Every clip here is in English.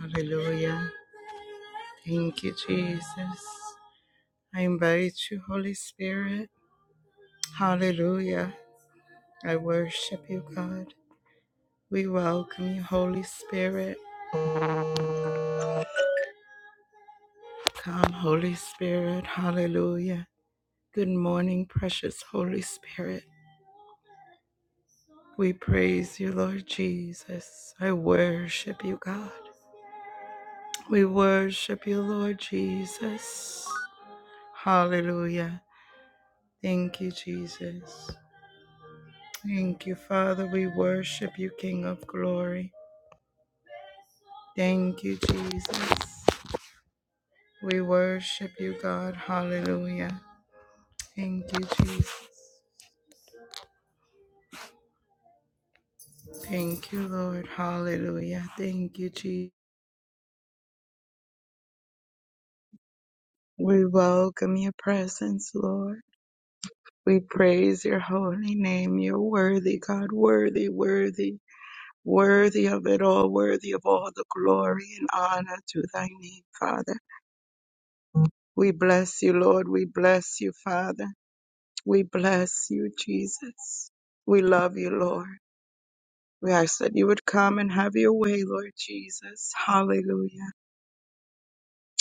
Hallelujah. Thank you, Jesus. I invite you, Holy Spirit. Hallelujah. I worship you, God. We welcome you, Holy Spirit. Come, Holy Spirit. Hallelujah. Good morning, precious Holy Spirit. We praise you, Lord Jesus. I worship you, God. We worship you, Lord Jesus. Hallelujah. Thank you, Jesus. Thank you, Father. We worship you, King of glory. Thank you, Jesus. We worship you, God. Hallelujah. Thank you, Jesus. Thank you, Lord. Hallelujah. Thank you, Jesus. We welcome your presence, Lord. We praise your holy name. You're worthy, God. Worthy, worthy, worthy of it all, worthy of all the glory and honor to thy name, Father. We bless you, Lord. We bless you, Father. We bless you, Jesus. We love you, Lord. We ask that you would come and have your way, Lord Jesus. Hallelujah.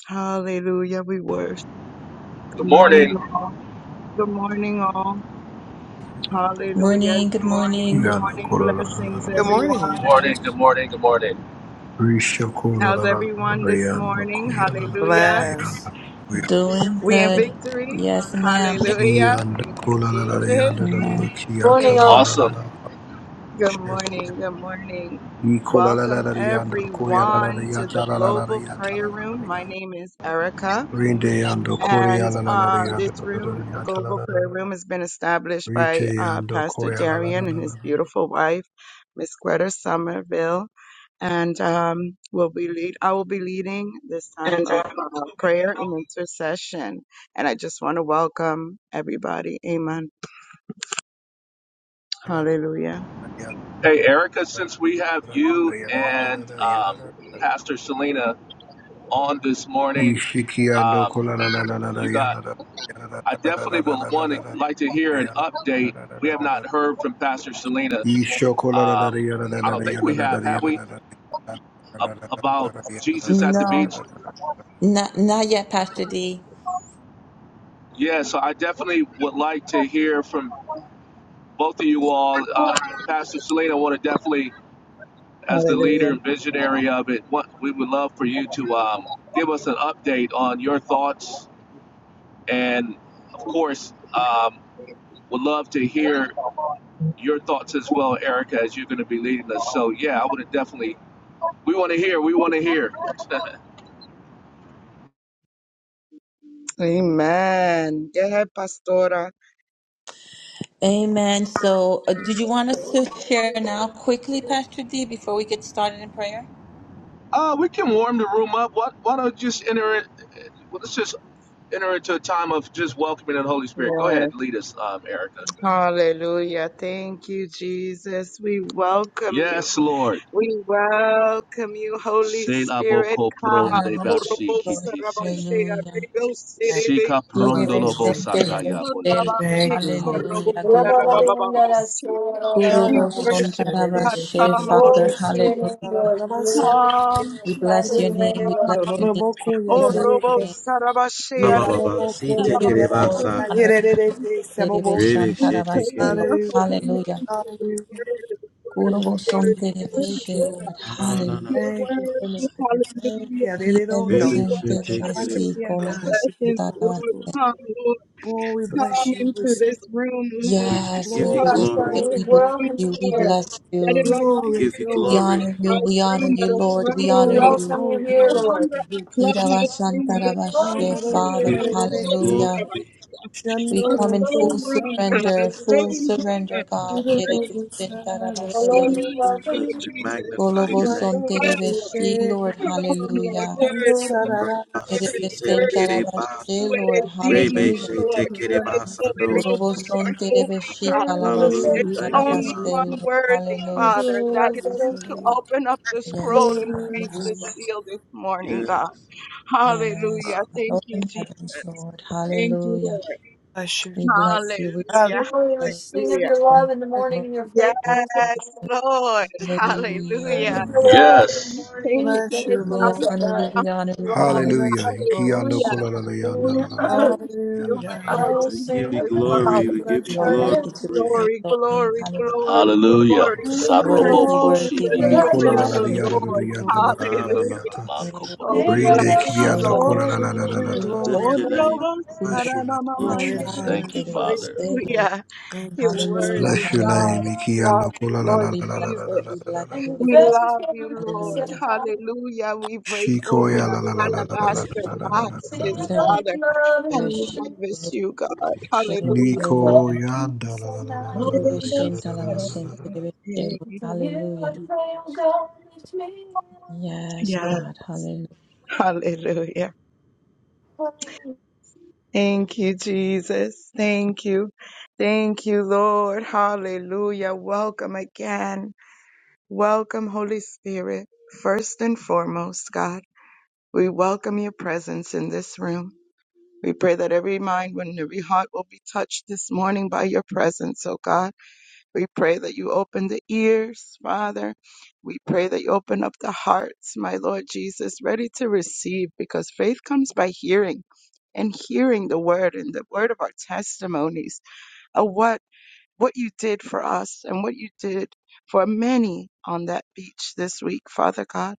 Hallelujah. We worship. Good Good morning, morning. all. Good morning, all. Hallelujah. Morning, good Good morning. morning. Good Yanda morning. kola la la la Blessings, la Good la. morning. everyone. Morning. Good morning. Good morning. Risha kola la How's la la la everyone la. this Yanda morning? koya la la la la. Hallelujah. Yanda Bless. koya. Doing We in good. victory. Yes, ma'am. Hallelujah. Yanda Thank you, kola la la la. Jesus. Yanda la la la. Amen. Kiyata la la Amen. la la Awesome. la. Good She. morning. Good morning. Nikola la la Welcome la. Yanda koya la la la. everyone to the Yata la la la la. Global Yata Prayer la la la Room. la. My Yata. name is Erica, Rinde yanda koya and la la la la. um, this Yanda la la room, la. la. Yata la Global la la Prayer la la. Room, has been established Rite by uh, yanda Pastor koya la la la Darian la and la his la. La beautiful wife, Miss Greta Somerville, and um, will be lead. I will be leading this time And of uh, uh, prayer and intercession. And I just want to welcome everybody. Amen. la la. Yata la la la la. Yata la la la la. Hallelujah. Hey, Erica, since we have you and Yata la um, la la. la. Pastor Selena on this morning, Ishikiando um, kola la la la la la you got, yana la yana la I la la la definitely la will la la want to la like to hear la an yana la update. la la We la have la la. not heard from Pastor Selena. Ishoko la la la la Um, yana la I la don't la think yana we la la have, la have yana we? la la la la la A- la la la about la yana la la Jesus at the la la No, beach? la la not la la. not yet, Pastor D. Yeah, so I definitely would like to hear from both of you all. Uh, Pastor Selena, I want to definitely as the Hallelujah. leader and visionary of it, what we would love for you to um, give us an update on your thoughts, and of course, um, would love to hear your thoughts as well, Erica, as you're going to be leading us. So yeah, I would have definitely. We want to hear. We want to hear. Amen. Go ahead, Pastora. Amen. So, uh, did you want us to share now quickly, Pastor D, before we get started in prayer? uh, we can warm the room up. What? Why don't you just enter it? Well, let's just enter into a time of just welcoming the Holy Spirit. Go Yes. ahead, lead us, um, Erica. Hallelujah. Thank you, Jesus. We welcome you. Yes, Lord. We welcome you, Holy Spirit. Selabokopron Come. Hallelujah. Orobosa de rabashea, rebose, Thank you Sika rebesa, well for your prondolobo rebose. Holy Spirit. sakaya bundelete. Thank you, Orabakesa, Holy Hallelujah. Spirit. robosa, Glory. rababababasi. Guru We Hallelujah. Boson worship you, God. Tarabashe, Come, Father. Holy Spirit. Hallelujah. Come, We bless Jesus. your name. We bless Come. your name. Lord. We Oh, bless your Robo name. Sarabashe, Ba ba Arebe ba. Si give te you kere glory, basa. Sarabakuri. honor, and praise. Jesus, Rebe Terebeshan We she take tarabaste, te praise kere Lord. your basa. holy Hallelujah. name for your Hallelujah. word, word, We Kurobo thank word, you. word, Thank terebeshe, you, Lord. Lord. God. Ah no no Your Hallelujah. no. Thank you for word, another hallelujah. day. We Rebe Yidebesen she take te worship Thank your kere. terebesi, you. Hallelujah. sweet kolobo presence, Lord. tarabaste. Shabbat. Come, Lord. Oh, we Come bless you. We into this say, room, Lord. Yes, we Yes, we give you glory, Come bless glory. into you, glory, this we bless glory, room, you, we Lord. bless That it you. no We glory, longer give you is We a glory, glory. honor you, clubhouse we room, honor but you, a Lord, we throne honor room. glory, glory, you. No glory, longer glory. a We play. clubhouse Kirabasan room, but a throne tarabashe, We room, Haro, Father, give God. you Saturday, hallelujah. glory We A come Shandoro, in full throne room, God. A surrender, Shandoro, full throne room, surrender, God. God. Shandoro, Praise Shandoro, Yidebesen We tarabashe. Shandoro, need you, as Lord we Jesus. magnify Golobo your Come, Glory, Lord. son name. glory, Come, Lord. terebeshi, Lord, Come, Lord. hallelujah. Worthy, worthy, Si worthy, te Terebesen worthy. kere ba. You tarabashi, are Lord, as we Rebe digno, hallelujah. she te Lord. You kere are as basa. do. Golobo poderoso. You son are holy, terebeshi, God. Hallelujah. kalabasan There's Thank you, only tarabashi, Father. one Lord, worthy, hallelujah. Father, and that is you glorify to you. open up the Your scroll Yes, and God, break yes, the seal this morning, Yes. God. Thank you, yes. Hallelujah. Father. God. Thank you, Open Jesus. heavens, Lord, Thank you, hallelujah. Lord. word. We bless you, we God Hallelujah. bless Hallelujah. you, Lord, Yes, Lord. hallelujah. Hallelujah. Hallelujah. Yes. Thank bless you, you, We Lord. sons of honor you, we sons, honor you, we We honor Lord. you, bless Hallelujah. Lord. you, Lord. Ikiando Yes, God, Hallelujah. kola la la yana We la la la la worship you, yana la my Hallelujah. la la la Lord yes, We give you Jesus, la la yana la la la God. yes, We glory. Father. We God. give you You bless are you, worthy Lord. to be glory. praised, yana Glory, O la la la. King. glory, hallelujah. glory, glory, Hallelujah. Glory. We give you glory. Worthy, Saroboko glory, worthy, we The give you worthy. joy Ikola of la la la glory, the shibibitisi. we yana la give la you Lord. yana la glory. la Ah la ba la Hallelujah. ba ba. yana. Manko Thank Oh, we We love Rinde brundelebe give you, you kiando kasa Lord. Lord. kola glory, la la la we give la la you la doroboboboto. la Hallelujah. glory la Lift and la. your honor. name. Hallelujah. Kulo, Bless your name. on. Bless Glory your and rabashe, name. honor. Thank you, Father. terebese, Lord. Thank You're you, Jesus. Hallelujah, worthy, Bless your God. name. hallelujah. We Ikia love no you, kula la Lord la We la la bless la la la you, la we Jesus. la la. bless la. you, we We bless you. love you, Lord. Hallelujah. Hallelujah. We break open Shikoya la la our la la la la la la alabaster la la la la la boxes, la la. Father, and Irabashe, lavish you, God. rabashe, Lord. Hallelujah. Niko Hallelujah. yanda la la la la la la la la ya Irebeshe, la la la la la talamase, la la la. terebeshe, Lord. Hallelujah. Yes, Yeah. God. Hallelujah. Thank you, Jesus. Thank you. Thank you, Lord. Hallelujah. Welcome again. Welcome, Holy Spirit. First and foremost, God, we welcome your presence in this room. We pray that every mind and every heart will be touched this morning by your presence, oh God. We pray that you open the ears, Father. We pray that you open up the hearts, my Lord Jesus, ready to receive because faith comes by hearing and hearing the word and the word of our testimonies, A what? what you did for us and what you did for many on that beach this week, Father God.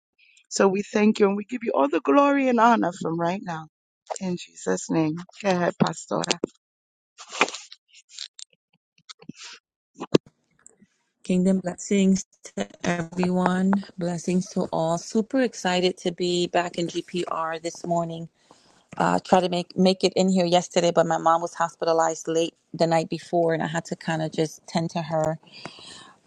So we thank you and we give you all the glory and honor from right now. In Jesus' name. Go ahead, Pastora. Kingdom blessings to everyone. Blessings to all. Super excited to be back in GPR this morning. Uh, try to make make it in here yesterday, but my mom was hospitalized late the night before, and I had to kind of just tend to her.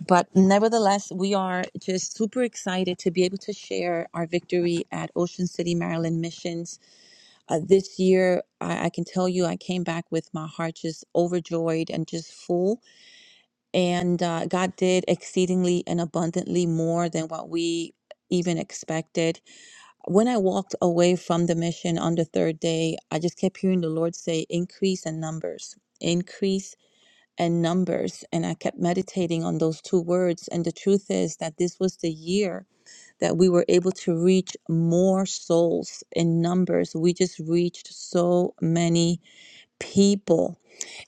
But nevertheless, we are just super excited to be able to share our victory at Ocean City, Maryland missions uh, this year. I, I can tell you, I came back with my heart just overjoyed and just full and uh, God did exceedingly and abundantly more than what we even expected. When I walked away from the mission on the third day, I just kept hearing the Lord say, increase in numbers, increase in numbers. And I kept meditating on those two words. And the truth is that this was the year that we were able to reach more souls in numbers. We just reached so many people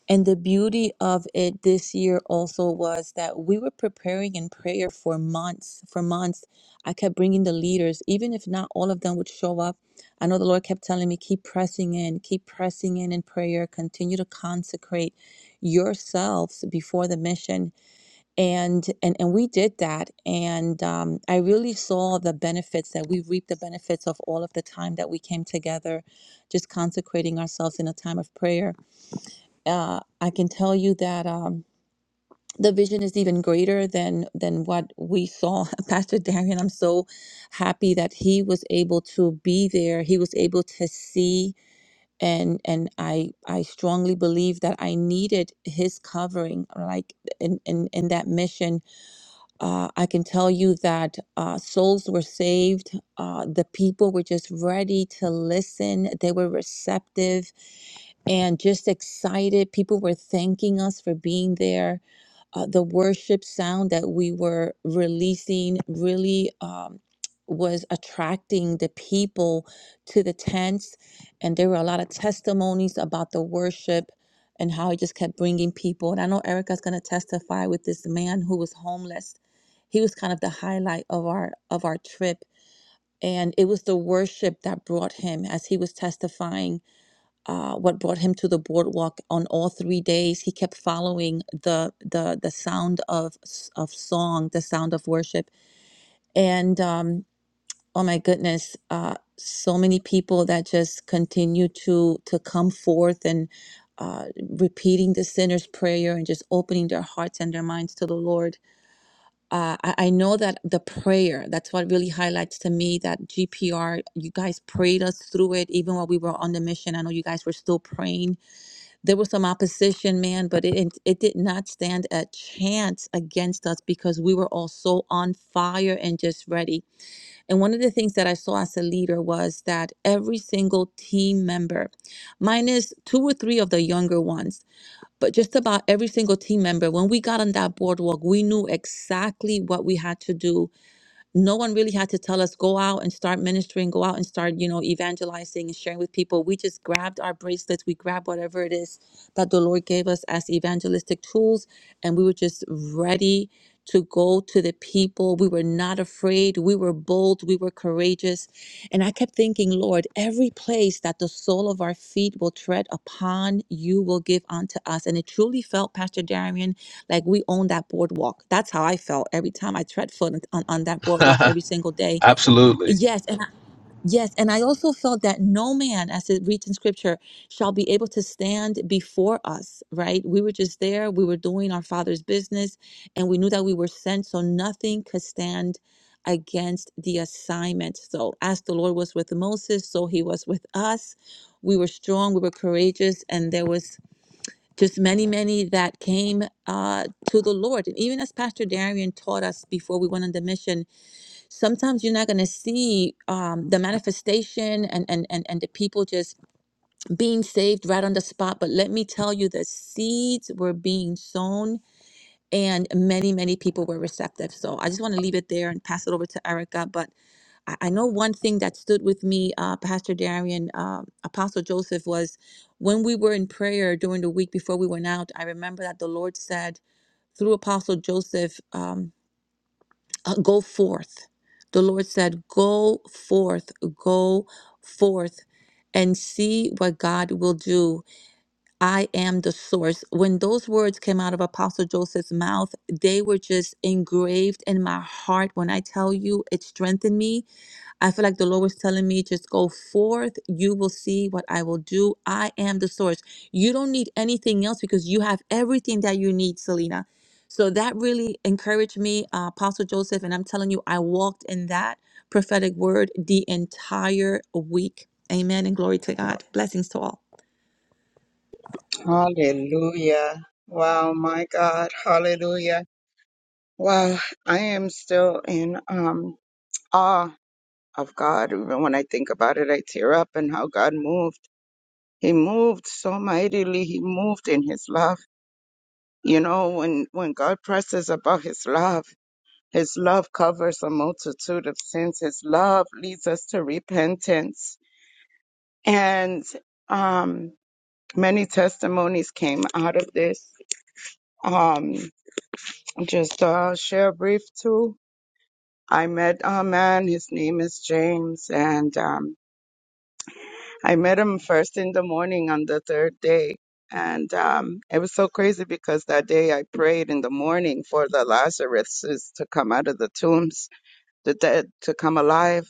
and the beauty of it this year also was that we were preparing in prayer for months. For months, I kept bringing the leaders, even if not all of them would show up. I know the Lord kept telling me, keep pressing in, keep pressing in in prayer, continue to consecrate yourselves before the mission. And and and we did that, and um, I really saw the benefits that we reaped the benefits of all of the time that we came together, just consecrating ourselves in a time of prayer uh, I can tell you that um, the vision is even greater than than what we saw. Pastor Darian, I'm so happy that he was able to be there. He was able to see, and and I I strongly believe that I needed his covering, like in in, in that mission uh, I can tell you that uh, souls were saved. Uh, the people were just ready to listen. They were receptive and just excited. People were thanking us for being there. Uh, the worship sound that we were releasing really um, was attracting the people to the tents. And there were a lot of testimonies about the worship and how it just kept bringing people. And I know Erica's going to testify with this man who was homeless he was kind of the highlight of our of our trip and it was the worship that brought him as he was testifying uh, what brought him to the boardwalk on all three days he kept following the the the sound of of song the sound of worship and um oh my goodness uh so many people that just continue to to come forth and uh, repeating the sinner's prayer and just opening their hearts and their minds to the Lord uh, I, I know that the prayer, that's what really highlights to me that GPR, you guys prayed us through it, even while we were on the mission. I know you guys were still praying. There was some opposition, man, but it, it, it did not stand a chance against us because we were all so on fire and just ready. And one of the things that I saw as a leader was that every single team member, minus two or three of the younger ones, but just about every single team member, when we got on that boardwalk, we knew exactly what we had to do no one really had to tell us go out and start ministering go out and start you know evangelizing and sharing with people we just grabbed our bracelets we grabbed whatever it is that the lord gave us as evangelistic tools and we were just ready to go to the people we were not afraid we were bold we were courageous and i kept thinking lord every place that the sole of our feet will tread upon you will give unto us and it truly felt pastor darian like we own that boardwalk. That's how I felt every time I tread foot on, on on that boardwalk every single day. Absolutely. Yes, and I, yes, and I also felt that no man, as it reads in scripture, shall be able to stand before us, right? We were just there, we were doing our father's business, and we knew that we were sent, so nothing could stand against the assignment. So as the Lord was with Moses, so he was with us. We were strong, we were courageous, and there was just many, many that came uh, to the Lord. And even as Pastor Darian taught us before we went on the mission, sometimes you're not going to see um, the manifestation and, and, and, and the people just being saved right on the spot. But let me tell you, the seeds were being sown and many, many people were receptive. So I just want to leave it there and pass it over to Erica. But I I know one thing that stood with me, uh, Pastor Darian, uh, Apostle Joseph, was when we were in prayer during the week before we went out. I remember that the Lord said through Apostle Joseph, um, uh, "Go forth." The Lord said, "Go forth, go forth." And see what God will do. I am the source. When those words came out of Apostle Joseph's mouth, they were just engraved in my heart. When I tell you, it strengthened me I feel like the Lord was telling me, just go forth. You will see what I will do. I am the source. You don't need anything else because you have everything that you need, Selena. So that really encouraged me, uh, Apostle Joseph. And I'm telling you, I walked in that prophetic word the entire week. Amen. And glory to God. Blessings to all. Hallelujah. Wow, my God. Hallelujah. Wow, I am still in um awe of God. Even when I think about it, I tear up and how God moved. He moved so mightily. He moved in his love. You know, when, when God presses about his love, his love covers a multitude of sins. His love leads us to repentance. And, um, many testimonies came out of this. Um, just, uh, share brief too. I met a man, his name is James, and, um, I met him first in the morning on the third day. And um, it was so crazy because that day I prayed in the morning for the Lazaruses to come out of the tombs, the dead to come alive.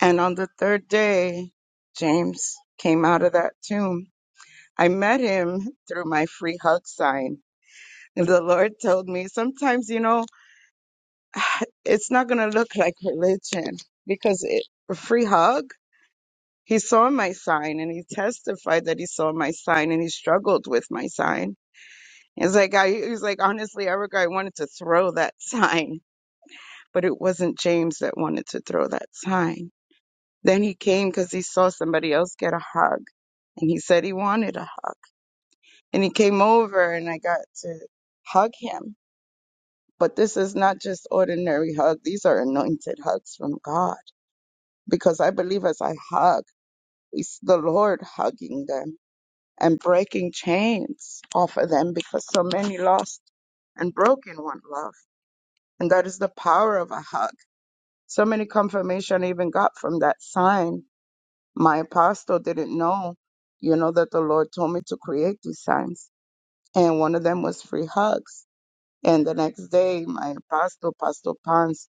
And on the third day, James came out of that tomb. I met him through my free hug sign. And the Lord told me sometimes, you know, it's not going to look like religion because it, a free hug. He saw my sign and he testified that he saw my sign and he struggled with my sign. It's like I he was like, honestly, Erica, I wanted to throw that sign, but it wasn't James that wanted to throw that sign. Then he came because he saw somebody else get a hug and he said he wanted a hug. And he came over and I got to hug him. But this is not just ordinary hug. These are anointed hugs from God because I believe as I hug, it's the Lord hugging them and breaking chains off of them because so many lost and broken want love. And that is the power of a hug. So many confirmation I even got from that sign. My apostle didn't know, you know, that the Lord told me to create these signs. And one of them was free hugs. And the next day, my apostle, Apostle Pons,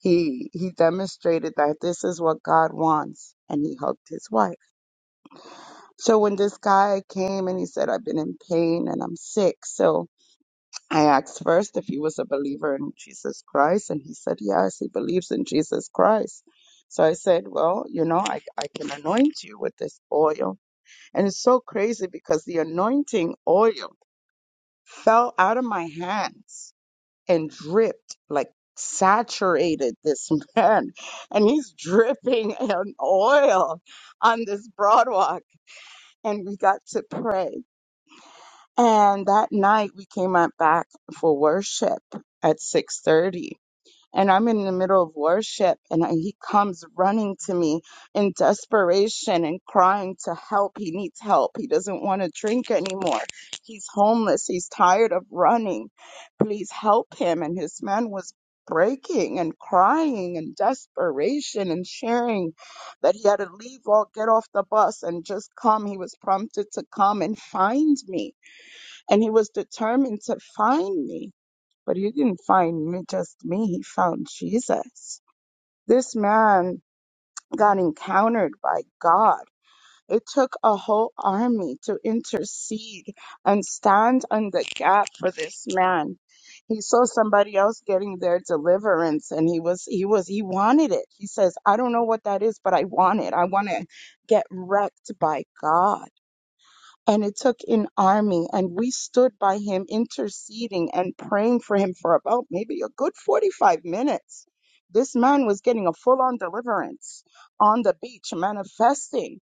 he, he demonstrated that this is what God wants. And he hugged his wife. So when this guy came and he said, I've been in pain and I'm sick. So I asked first if he was a believer in Jesus Christ, and he said, Yes, he believes in Jesus Christ. So I said, Well, you know, I, I can anoint you with this oil. And it's so crazy because the anointing oil fell out of my hands and dripped, like saturated this man. And he's dripping an oil on this broad walk. And we got to pray. And that night we came up back for worship at 6:30. And I'm in the middle of worship and I- he comes running to me in desperation and crying to help. He needs help. He doesn't want to drink anymore. He's homeless. He's tired of running. Please help him. And his man was breaking and crying and desperation and sharing that he had to leave or get off the bus and just come. He was prompted to come and find me and he was determined to find me. But he didn't find me, just me. He found Jesus. This man got encountered by God. It took a whole army to intercede and stand on the gap for this man. He saw somebody else getting their deliverance and he was, he was, he wanted it. He says, I don't know what that is, but I want it. I want to get wrecked by God and it took an army and we stood by him interceding and praying for him for about maybe a good 45 minutes this man was getting a full-on deliverance on the beach manifesting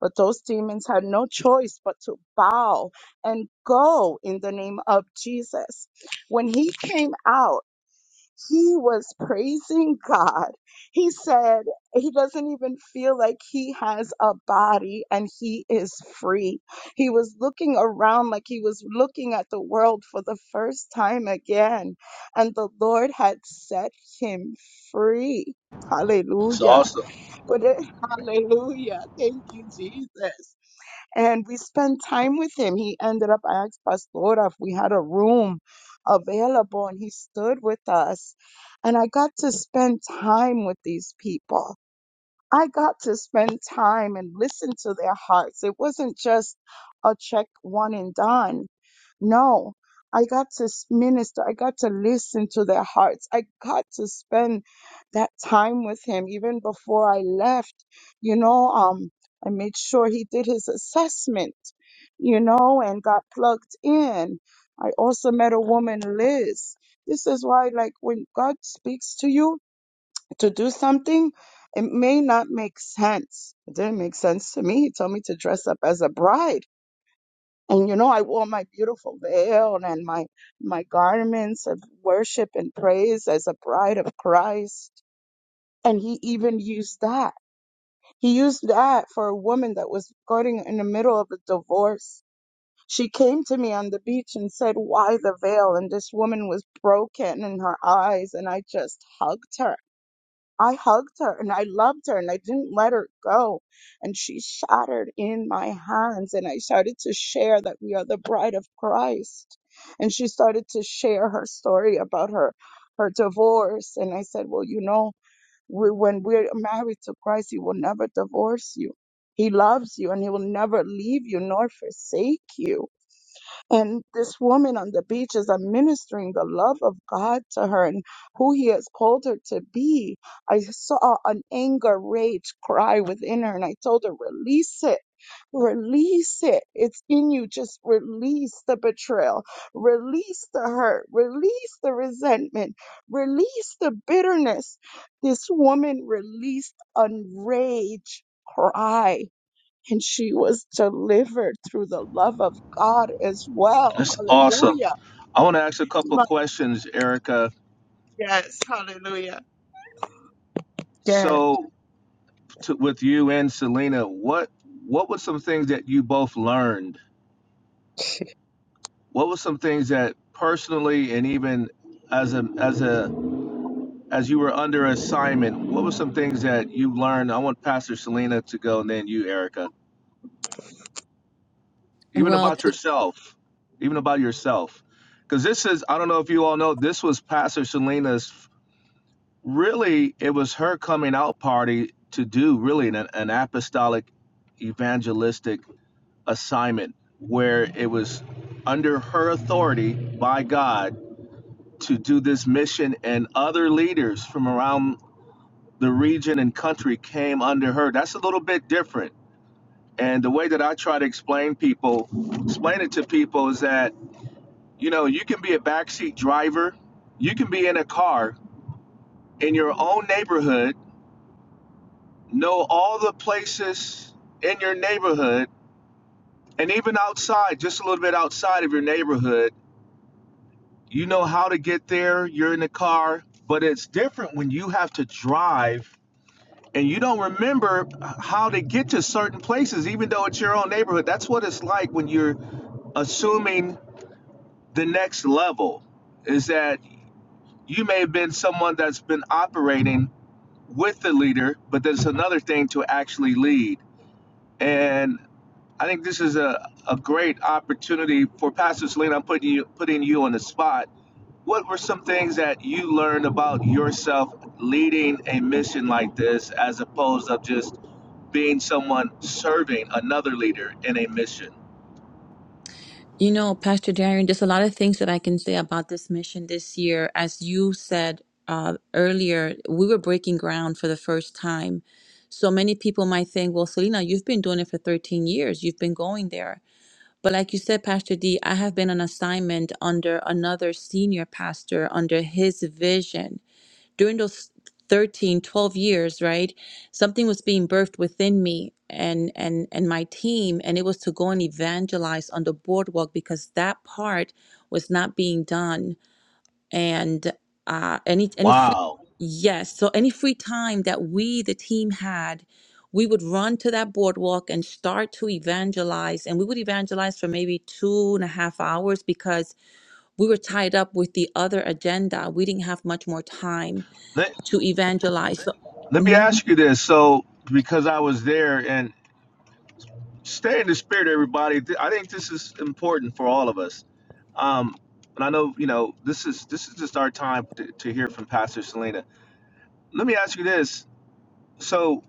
but those demons had no choice but to bow and go in the name of Jesus. When he came out he was praising God. He said he doesn't even feel like he has a body and he is free. He was looking around like he was looking at the world for the first time again, and the Lord had set him free. It's Hallelujah. awesome. But it, hallelujah. Thank you, Jesus and we spent time with him. He ended up, I asked Pastor if we had a room available, and he stood with us. And I got to spend time with these people. I got to spend time and listen to their hearts. It wasn't just a check one and done. No, I got to s- minister. I got to listen to their hearts. I got to spend that time with him even before I left. You know, um, I made sure he did his assessment, you know, and got plugged in. I also met a woman, Liz. This is why, like, when God speaks to you to do something, it may not make sense. It didn't make sense to me. He told me to dress up as a bride. And you know, I wore my beautiful veil and my my garments of worship and praise as a bride of Christ. And he even used that. He used that for a woman that was going in the middle of a divorce. She came to me on the beach and said, Why the veil? And this woman was broken in her eyes. And I just hugged her I hugged her and I loved her and I didn't let her go. And she shattered in my hands. And I started to share that we are the bride of Christ. And she started to share her story about her, her divorce. And I said, Well, you know, we, when we're married to Christ, He will never divorce you. He loves you and He will never leave you nor forsake you. And this woman on the beach is administering the love of God to her and who He has called her to be. I saw an anger, rage cry within her, and I told her, release it. Release it. It's in you. Just release the betrayal. Release the hurt. Release the resentment. Release the bitterness. This woman released a rage cry and she was delivered through the love of God as well. That's awesome. Hallelujah. I want to ask a couple of My- questions, Erica. Yes, hallelujah. Yes, So, to, with you and Selena, what what were some things that you both learned? What were some things that personally and even as a as a as you were under assignment, what were some things that you learned? I want Pastor Selena to go and then you, Erica. Even Well, about yourself, even about yourself. Because this is, I don't know if you all know, this was Pastor Selena's, really, it was her coming out party to do really an, an apostolic evangelistic assignment where it was under her authority by God to do this mission and other leaders from around the region and country came under her. That's a little bit different. And the way that I try to explain people, explain it to people is that, you know, you can be a backseat driver, you can be in a car in your own neighborhood, know all the places in your neighborhood, and even outside, just a little bit outside of your neighborhood, you know how to get there, you're in the car, but it's different when you have to drive and you don't remember how to get to certain places, even though it's your own neighborhood. That's what it's like when you're assuming the next level is that you may have been someone that's been operating with the leader, but there's another thing to actually lead. And I think this is a, a great opportunity for Pastor Selena. I'm putting you putting you on the spot. What were some things that you learned about yourself leading a mission like this as opposed to just being someone serving another leader in a mission. You know, Pastor Darian, there's a lot of things that I can say about this mission this year. As you said uh, earlier, we were breaking ground for the first time. So many people might think, well, Selena, you've been doing it for 13 years, you've been going there. But like you said, Pastor D, I have been on assignment under another senior pastor under his vision during those 13, 12 years right something was being birthed within me and and and my team and it was to go and evangelize on the boardwalk because that part was not being done and uh any any free Wow. yes so any free time that we the team had we would run to that boardwalk and start to evangelize and we would evangelize for maybe two and a half hours because we were tied up with the other agenda we didn't have much more time Let, to evangelize so, let me mhm, ask you this. So, because I was there and stay in the spirit, everybody, Th- I think this is important for all of us. Um, and I know, you know, this is this is just our time to, to hear from Pastor Selena. Let me ask you this. So,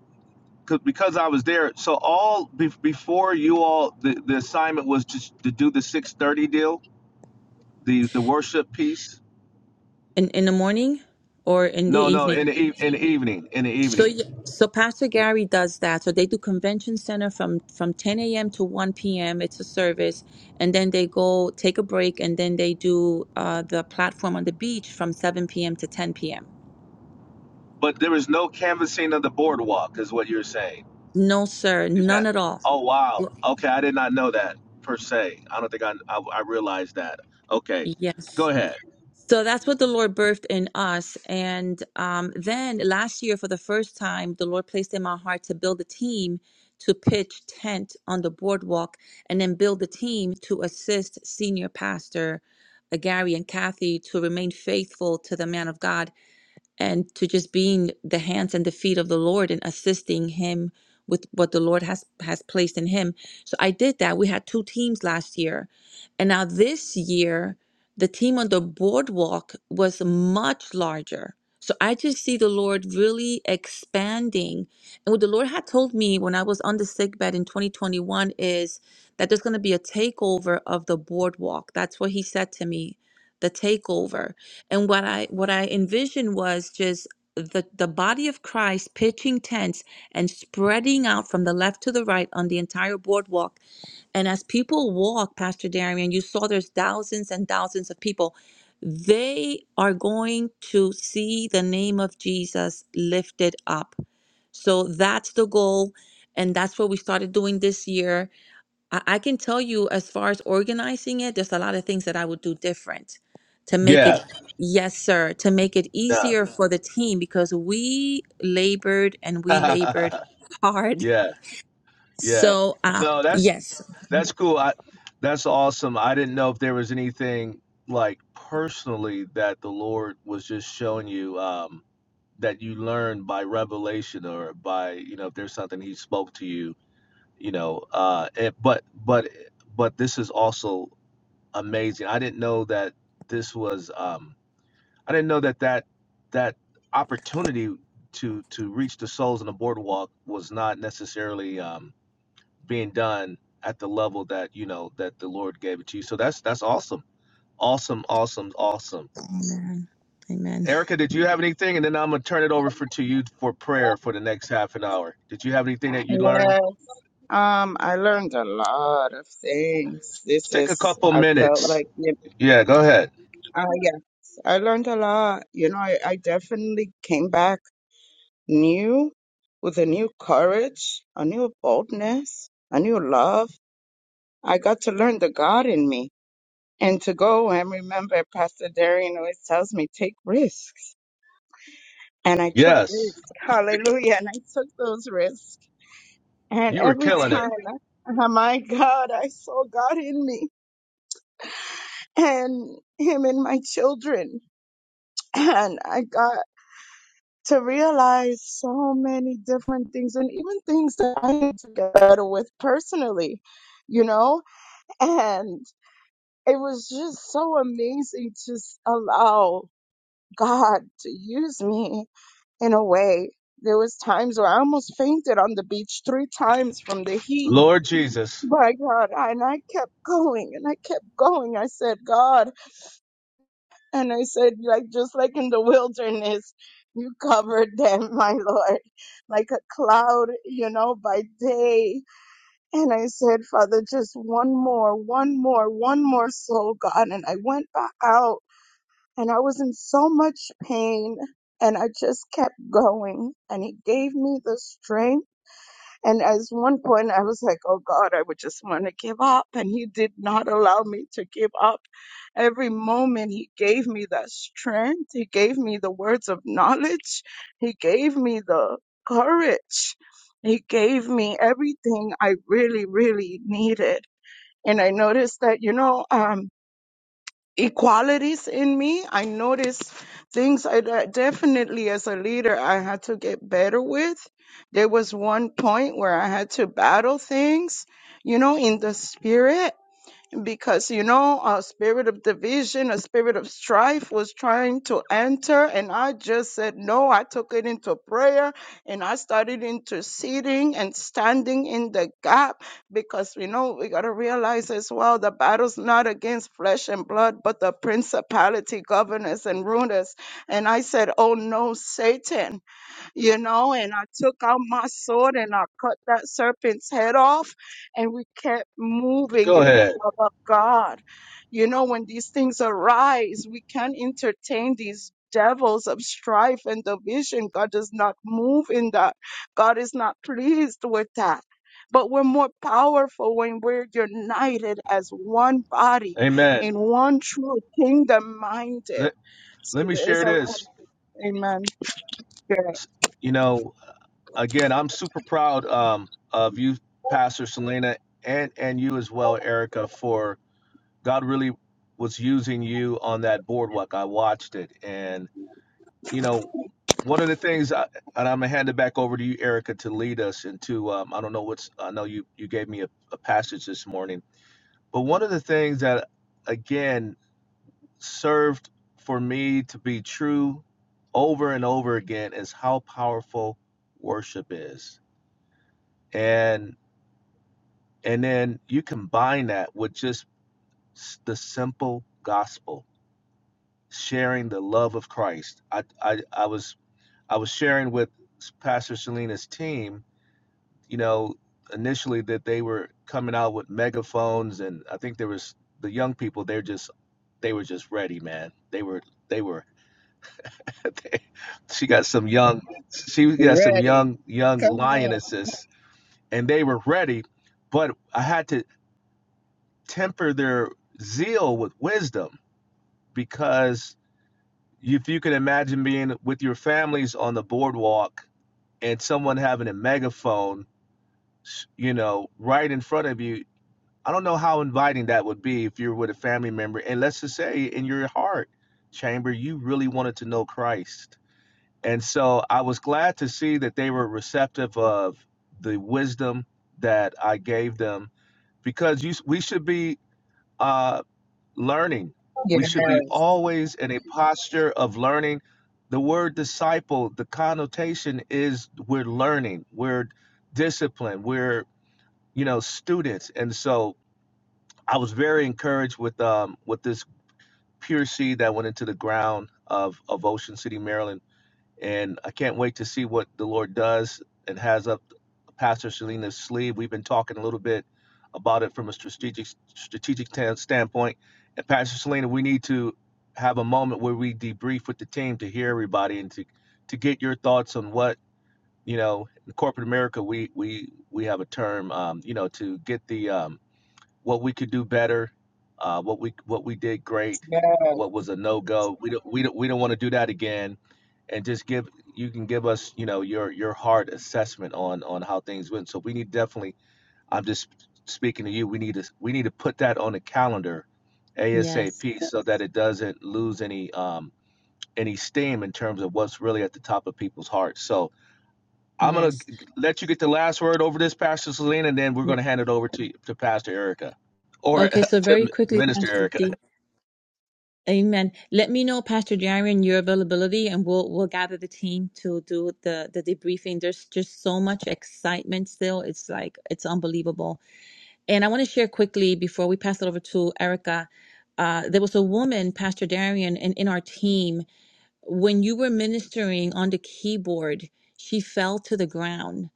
'cause- because I was there, so all be, before you all, the, the assignment was to, to do the 630 deal, the, the worship piece. in in the morning or in the No, no, in evening. the, eve- in the evening, in the So evening. y- so Pastor Gary does that. So they do convention center from from 10 a.m. to 1 p.m. It's a service, and then they go take a break, and then they do uh, the platform on the beach from 7 p.m. to 10 p.m. But there is no canvassing of the boardwalk, is what you're saying. No, sir, Is none that? at all. Oh wow. Well, Okay, I did not know that per se. I don't think I I, I realized that. Okay, Yes. go ahead. So that's what the Lord birthed in us. And um, then last year, for the first time, the Lord placed in my heart to build a team to pitch tent on the boardwalk and then build a team to assist senior pastor uh, Gary and Kathy to remain faithful to the man of God and to just being the hands and the feet of the Lord and assisting him with what the Lord has has placed in him. So I did that. We had two teams last year. And now this year the team on the boardwalk was much larger. So I just see the Lord really expanding. And what the Lord had told me when I was on the sick bed in 2021 is that there's going to be a takeover of the boardwalk. That's what he said to me, the takeover and what i what i envisioned was just the the body of christ pitching tents and spreading out from the left to the right on the entire boardwalk and as people walk pastor darian you saw there's thousands and thousands of people they are going to see the name of jesus lifted up so that's the goal and that's what we started doing this year I, I can tell you as far as organizing it, there's a lot of things that I would do different to make it, Yeah. Yeah. yes, sir, to make it Yeah. easier for the team because we labored and we labored hard. yeah. Yeah. So, uh, No, that's yes. that's cool. I that's awesome. I didn't know if there was anything like personally that the Lord was just showing you um that you learned by revelation or by you know if there's something he spoke to you you know uh it, but but but this is also amazing i didn't know that this was um i didn't know that that that opportunity to to reach the souls in the boardwalk was not necessarily um being done at the level that you know that the lord gave it to you so that's that's awesome awesome awesome awesome Amen. Amen. erica did you have anything and then i'm gonna turn it over for to you for prayer for the next half an hour did you have anything that you learned yes. Um, I learned a lot of things. Let's This take a is, couple I felt minutes like, you yeah go ahead uh, yes, I learned a lot. You know, I, I definitely came back new with a new courage, a new boldness, a new love. I got to learn the God in me and to go and remember Pastor Darian always tells me, take risks and I took Yes, risks. Hallelujah. And I took those risks. And you were every killing it. time, oh my God, I saw God in me and Him in my children. And I got to realize so many different things and even things that I had to get better with personally, you know? And it was just so amazing to s- allow God to use me in a way. There was times where I almost fainted on the beach three times from the heat. Lord Jesus, My God, I- and I kept going and I kept going. I said, God, and I said, like just like in the wilderness, you covered them, my Lord, like a cloud, you know, by day. And I said, Father, just one more, one more, one more soul, God. And I went back out and I was in so much pain and I just kept going and he gave me the strength and at one point I was like oh god I would just want to give up and he did not allow me to give up every moment he gave me that strength he gave me the words of knowledge he gave me the courage he gave me everything I really really needed and I noticed that you know um equalities in me. I noticed things I that definitely as a leader I had to get better with. There was one point where I had to battle things, you know, in the spirit because you know a spirit of division a spirit of strife was trying to enter and i just said no i took it into prayer and i started interceding and standing in the gap because you know we got to realize as well the battle's not against flesh and blood but the principality governors and rulers and i said oh no satan you know, and I took out my sword and I cut that serpent's head off, and we kept moving go in the ahead. love of God. You know, when these things arise, we can't entertain these devils of strife and division. God does not move in that, God is not pleased with that. But we're more powerful when we're united as one body Amen. in one true kingdom minded. Let, So let me there's share a lot. this. Amen. Yeah. S- You know, again, I'm super proud um, of you, Pastor Selena, and, and you as well, Erica, for God really was using you on that boardwalk. I watched it. And, you know, one of the things, I, and I'm going to hand it back over to you, Erica, to lead us into, um, I don't know what's, I know you, you gave me a, a passage this morning, but one of the things that, again, served for me to be true over and over again is how powerful worship is. And and then you combine that with just s- the simple gospel, sharing the love of Christ. I I, I was I was sharing with Pastor Selena's team, you know, initially that they were coming out with megaphones and I think there was the young people they're just they were just ready, man. They were they were she got some young she got some Ready. young young Come on. lionesses and they were ready but i had to temper their zeal with wisdom because if you can imagine being with your families on the boardwalk and someone having a megaphone you know right in front of you i don't know how inviting that would be if you're with a family member and let's just say in your heart chamber you really wanted to know christ And so I was glad to see that they were receptive of the wisdom that I gave them because you, we should be uh, learning. We should be always in a posture of learning. The word disciple, the connotation is we're learning, we're disciplined, we're you know students. And so I was very encouraged with um, with this pure seed that went into the ground of of Ocean City, Maryland and I can't wait to see what the Lord does and has up Pastor Selena's sleeve. We've been talking a little bit about it from a strategic strategic tan- standpoint. And Pastor Selena, we need to have a moment where we debrief with the team to hear everybody and to to get your thoughts on what you know. In corporate America, we we we have a term, um, you know, to get the um, what we could do better, uh, what we what we did great, now, what was a no go. We don't we don't we don't want to do that again, and just give you can give us you know your your hard assessment on on how things went. So we need definitely. I'm just speaking to you. We need to we need to put that on the calendar, Yes. ASAP, so that it doesn't lose any um any steam in terms of what's really at the top of people's hearts. So I'm gonna Yes. let you get the last word over this, Pastor Selena, and then we're Yeah. gonna hand it over to to Pastor Erica or Okay. So very to quickly, Minister Pastor Erica. D. Amen. Let me know, Pastor Darian, your availability, and we'll we'll gather the team to do the the debriefing. There's just so much excitement still. It's like it's unbelievable And I want to share quickly before we pass it over to Erica. Uh, there was a woman, Pastor Darian, in, in our team. When you were ministering on the keyboard, she fell to the ground,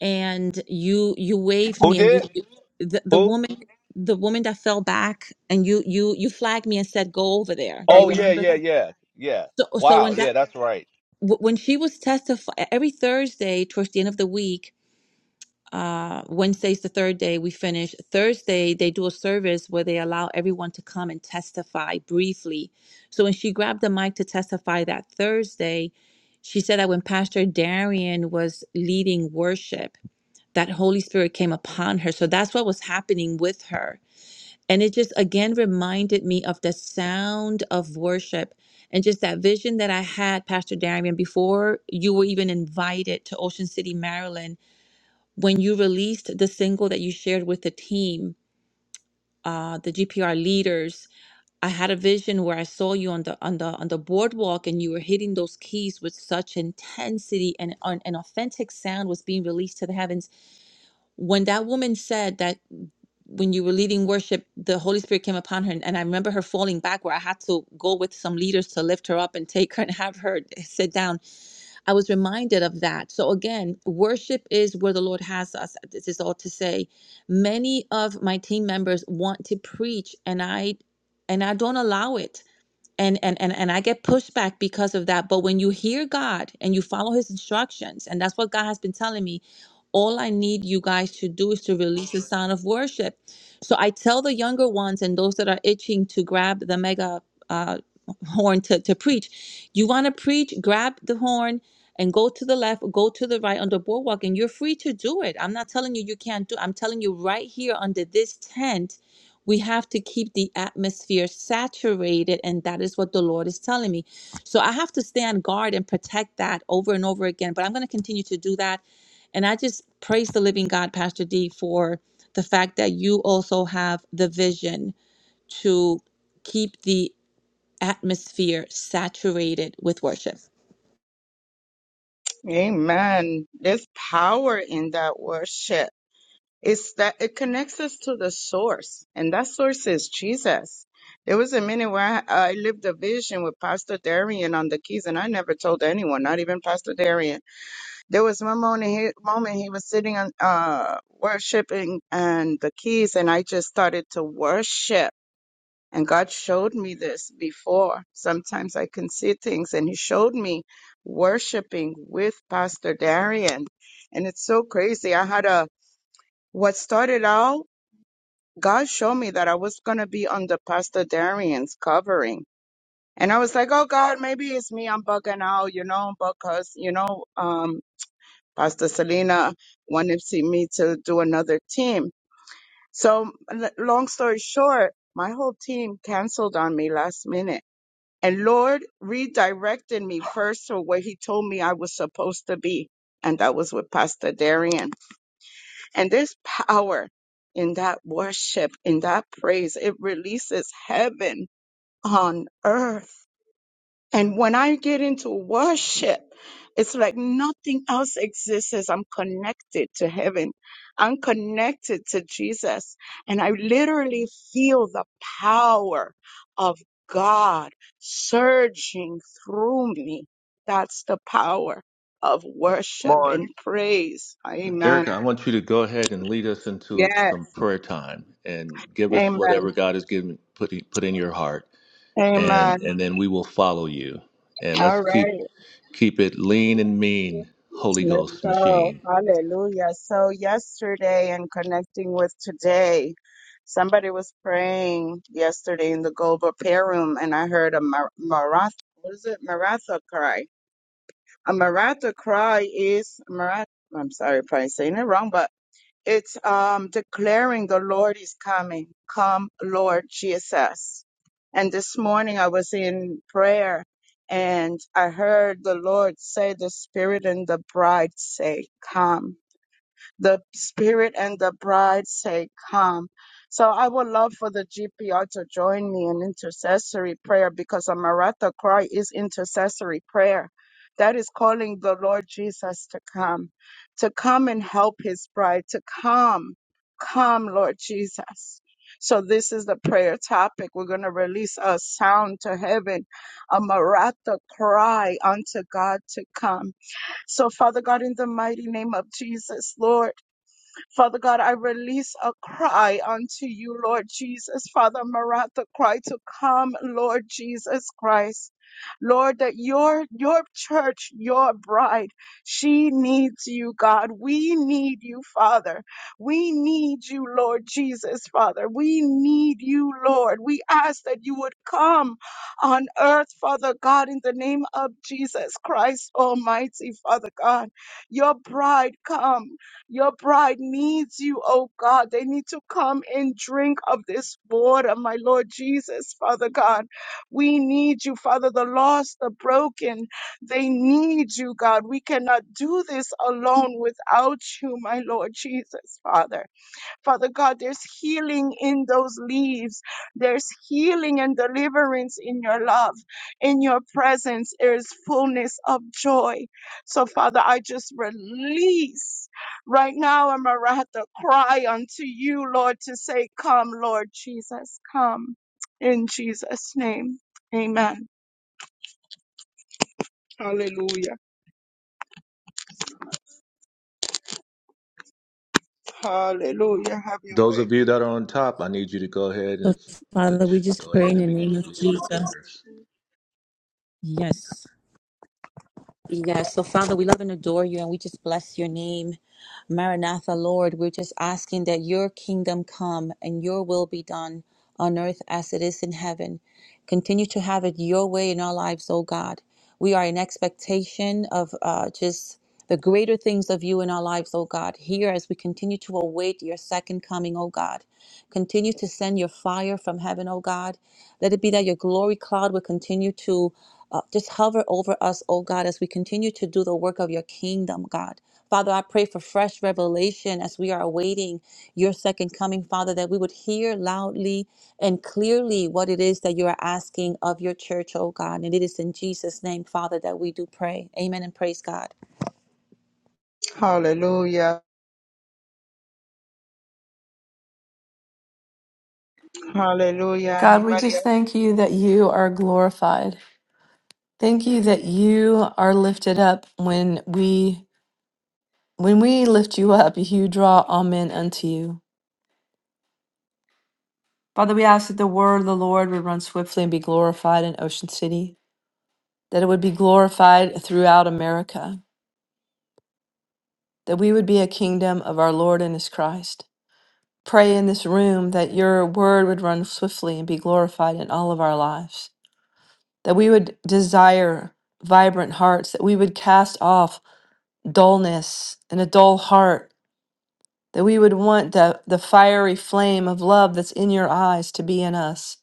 and you you waved Who me, and you did? you- the, the Who? woman the woman that fell back, and you you you flagged me and said, "Go over there." Do come you Oh on. yeah, remember yeah, that? yeah, yeah. So so Wow, when yeah, that that's right. w- when she was testifying every Thursday towards the end of the week, uh, Wednesday's the third day we finish. Thursday they do a service where they allow everyone to come and testify briefly. So when she grabbed the mic to testify that Thursday, she said that when Pastor Darian was leading worship, that Holy Spirit came upon her. So that's what was happening with her. And it just again reminded me of the sound of worship and just that vision that I had, Pastor Darian, before you were even invited to Ocean City, Maryland when you released the single that you shared with the team, uh, the GPR leaders, I had a vision where I saw you on the on the on the boardwalk, and you were hitting those keys with such intensity, and an, an authentic sound was being released to the heavens. When that woman said that, when you were leading worship, the Holy Spirit came upon her, and, and I remember her falling back, where I had to go with some leaders to lift her up and take her and have her sit down I was reminded of that. So again, worship is where the Lord has us. This is all to say. Many of my team members want to preach and I and I don't allow it. And and and, and I get pushback because of that. But when you hear God and you follow his instructions, and that's what God has been telling me, all I need you guys to do is to release the sound of worship. So I tell the younger ones and those that are itching to grab the mega uh, horn to, to preach. You want to preach, grab the horn and go to the left, go to the right on the boardwalk, and you're free to do it. I'm not telling you you can't do it. I'm telling you right here under this tent, we have to keep the atmosphere saturated, and that is what the Lord is telling me. So I have to stand guard and protect that over and over again, but I'm going to continue to do that. And I just praise the living God, Pastor D, for the fact that you also have the vision to keep the atmosphere saturated with worship. Amen. There's power in that worship. It's that it connects us to the source, and that source is Jesus. There was a minute where I, I lived a vision with Pastor Darian on the keys, and I never told anyone, not even Pastor Darian. There was one moment he, moment he was sitting on uh, worshiping and the keys, and I just started to worship And God showed me this before. Sometimes I can see things, and He showed me worshiping with Pastor Darian. And it's so crazy. I had a, what started out, God showed me that I was going to be under Pastor Darian's covering. And I was like, oh God, maybe it's me. I'm bugging out, you know, because, you know, um, Pastor Selena wanted to see me to do another team. So, l- long story short, my whole team canceled on me last minute And Lord redirected me first to where He told me I was supposed to be. And that was with Pastor Darian. And there's power in that worship, in that praise. It releases heaven on earth and when I get into worship, it's like nothing else exists as I'm connected to heaven. I'm connected to Jesus. And I literally feel the power of God surging through me. That's the power of Come worship on. and praise. Erica, Amen. I want you to go ahead and lead us into Yes. some prayer time and give us Amen. whatever God has given put put in your heart, Amen. and and then we will follow you. And All let's keep right. keep it lean and mean, Holy Let's Ghost go. machine. Hallelujah. So, yesterday and connecting with today, somebody was praying yesterday in the global prayer room, and I heard a mar- maratha. What is it? Maratha cry. A maratha cry is marat. I'm sorry probably saying it wrong, but it's um, declaring the Lord is coming. Come, Lord Jesus. And this morning I was in prayer and I heard the Lord say, the Spirit and the bride say, Come. The spirit and the bride say, Come. So I would love for the GPR to join me in intercessory prayer because a Maratha cry is intercessory prayer. That is calling the Lord Jesus to come, to come and help his bride, to come, come, Lord Jesus. So this is the prayer topic. We're going to release a sound to heaven, a Maratha cry unto God to come. So, Father God, in the mighty name of Jesus, Lord. Father God, I release a cry unto you, Lord Jesus. Father Maratha cry to come, Lord Jesus Christ. Lord, that your your church, your bride, she needs you, God. We need you, Father. We need you, Lord Jesus, Father. We need you, Lord. We ask that you would come on earth, Father God, in the name of Jesus Christ Almighty, Father God. Your bride come. Your bride needs you, oh God. They need to come and drink of this water, my Lord Jesus, Father God. We need you, Father, the lost, the broken. They need you, God. We cannot do this alone without you, my Lord Jesus, Father. Father God, there's healing in those leaves. There's healing and deliverance in your love. In your presence, there is fullness of joy. So, Father, I just release right now. I'm to cry unto you, Lord, to say, Come, Lord Jesus, come. In Jesus' name, amen. Hallelujah. Hallelujah. Those of you that are on top, I need you to go ahead So, and to Father, we just go pray ahead in the and begin name to of release your Jesus. prayers. Yes. Yes. So, Father, we love and adore you and we just bless your name. Maranatha, Lord, we're just asking that your kingdom come and your will be done on earth as it is in heaven. Continue to have it your way in our lives, oh God. We are in expectation of uh, just the greater things of you in our lives, oh God. Here, as we continue to await your second coming, oh God, continue to send your fire from heaven, oh God. Let it be that your glory cloud will continue to uh, just hover over us, oh God, as we continue to do the work of your kingdom, God. Father, I pray for fresh revelation as we are awaiting your second coming, Father, that we would hear loudly and clearly what it is that you are asking of your church, oh God. And it is in Jesus' name, Father, that we do pray. Amen and praise God. Hallelujah. Hallelujah. God, we Anybody just else? thank you that you are glorified. Thank you that you are lifted up when we when we lift you up, you draw all men unto you. Father, we ask that the word of the Lord would run swiftly and be glorified in Ocean City, that it would be glorified throughout America, that we would be a kingdom of our Lord and his Christ. Pray in this room that your word would run swiftly and be glorified in all of our lives, that we would desire vibrant hearts, that we would cast off dullness and a dull heart, that we would want the, the fiery flame of love that's in your eyes to be in us,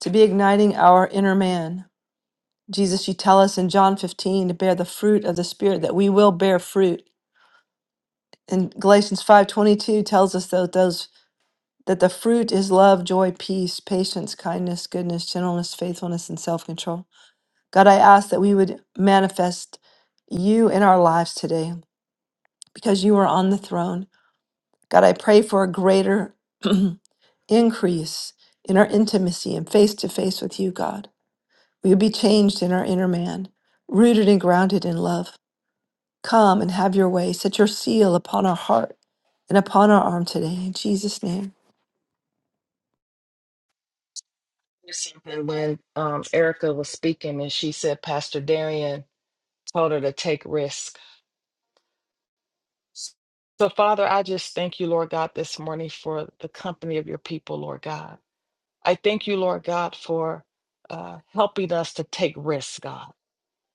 to be igniting our inner man. Jesus, you tell us in John 15 to bear the fruit of the Spirit, that we will bear fruit. And Galatians 5.22 tells us that those that the fruit is love, joy, peace, patience, kindness, goodness, gentleness, faithfulness, and self-control. God, I ask that we would manifest you in our lives today because you are on the throne God, I pray for a greater increase in our intimacy and face to face with you, God. We would be changed in our inner man, rooted and grounded in love. Come and have your way. Set your seal upon our heart and upon our arm today. In Jesus' name. something when um, Erica was speaking and she said Pastor Darian told her to take risk. So, Father, I just thank you, Lord God, this morning for the company of your people, Lord God. I thank you, Lord God, for uh, helping us to take risks, God.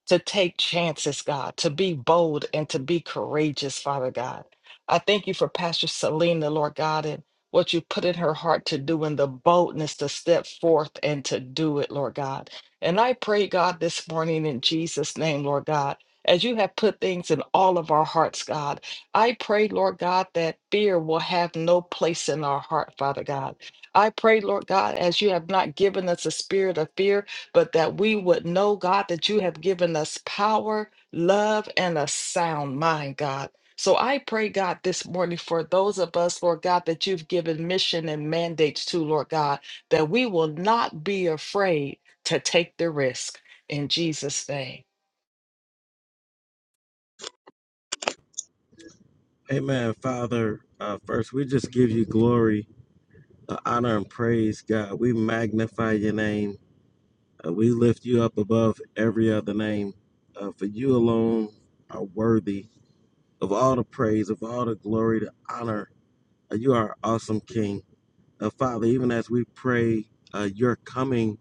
to take chances, God, to be bold and to be courageous, Father God. I thank you for Pastor Selena, Lord God, and what you put in her heart to do and the boldness to step forth and to do it, Lord God. And I pray, God, this morning in Jesus' name, Lord God, as you have put things in all of our hearts, God, I pray, Lord God, that fear will have no place in our heart, Father God. I pray, Lord God, as you have not given us a spirit of fear, but that we would know, God, that you have given us power, love, and a sound mind, God. So I pray, God, this morning for those of us, Lord God, that you've given mission and mandates to, Lord God, that we will not be afraid to take the risk. In Jesus' name. Amen, Father. Uh, first, we just give you glory, uh, honor, and praise, God. We magnify your name. Uh, we lift you up above every other name. Uh, for you alone are worthy of all the praise, of all the glory, the honor. Uh, you are our awesome King. Uh, Father, even as we pray, uh, your coming.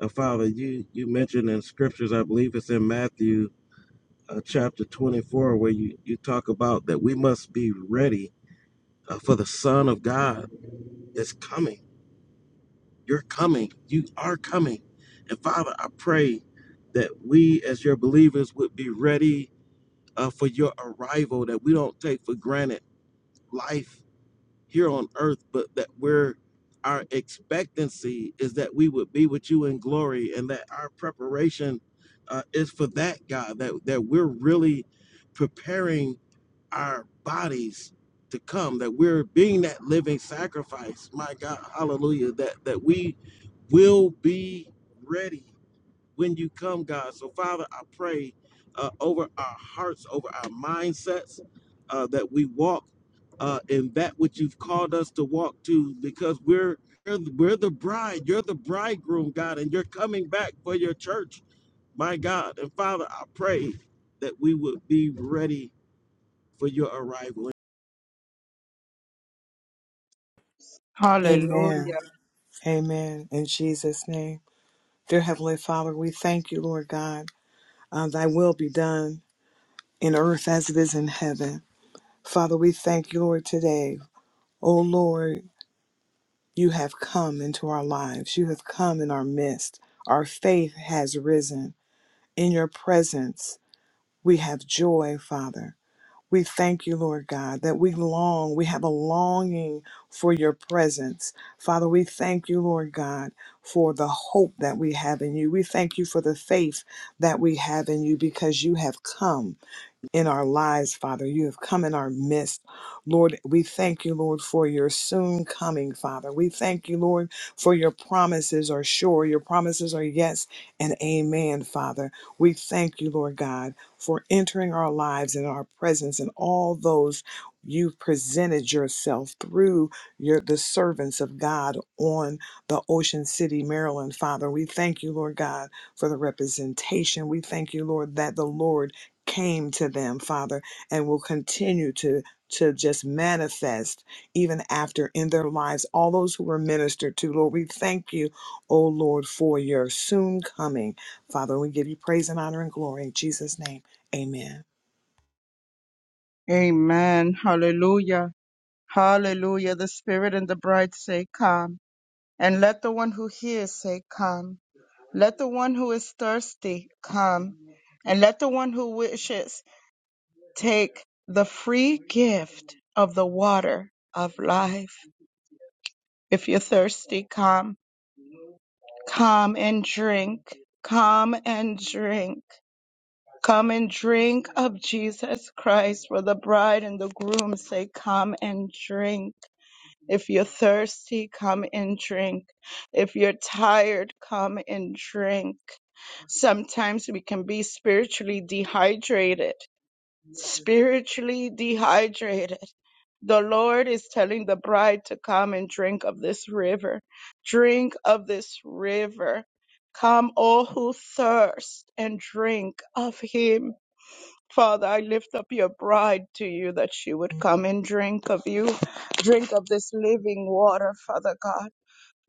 Uh, Father, you, you mentioned in scriptures, I believe it's in Matthew uh, chapter 24, where you, you talk about that we must be ready uh, for the Son of God is coming. You're coming. You are coming. And Father, I pray that we as your believers would be ready uh, for your arrival, that we don't take for granted life here on earth, but that we're our expectancy is that we would be with you in glory and that our preparation uh, is for that, God, that, that we're really preparing our bodies to come that we're being that living sacrifice my god hallelujah that that we will be ready when you come god so father i pray uh, over our hearts over our mindsets uh, that we walk uh, in that which you've called us to walk to because we're we're the we're the bride you're the bridegroom god and you're coming back for your church my god and father i pray that we would be ready for your arrival Amen. Hallelujah. Amen. In Jesus' name. Dear Heavenly Father, we thank you, Lord God. Uh, thy will be done in earth as it is in heaven. Father, we thank you, Lord, today. Oh, Lord. You have come into our lives. You have come in our midst. Our faith has risen. In your presence, we have joy, Father. We thank you, Lord God, that we long, we have a longing for your presence. Father, we thank you, Lord God, for the hope that we have in you. We thank you for the faith that we have in you because you have come in our lives, Father. You have come in our midst. Lord, we thank you, Lord, for your soon coming, Father. We thank you, Lord, for your promises are sure. Your promises are yes and amen, Father. We thank you, Lord God, for entering our lives and our presence and all those you've presented yourself through your the servants of God on the Ocean City, Maryland, Father. We thank you, Lord God, for the representation. We thank you, Lord, that the Lord came to them, Father, and will continue to to just manifest even after in their lives all those who were ministered to. Lord, we thank you, oh Lord, for your soon coming. Father, we give you praise and honor and glory in Jesus' name. Amen. Amen. Hallelujah. Hallelujah. The Spirit and the bride say, Come. And let the one who hears say, Come. Let the one who is thirsty come. And let the one who wishes take the free gift of the water of life. If you're thirsty, come. Come and drink. Come and drink. Come and drink of Jesus Christ. For the bride and the groom say, Come and drink. If you're thirsty, come and drink. If you're tired, come and drink. Sometimes we can be spiritually dehydrated. Spiritually dehydrated. The Lord is telling the bride to come and drink of this river. Drink of this river. Come, all who thirst, and drink of Him Father, I lift up your bride to you that she would come and drink of you, drink of this living water, Father God.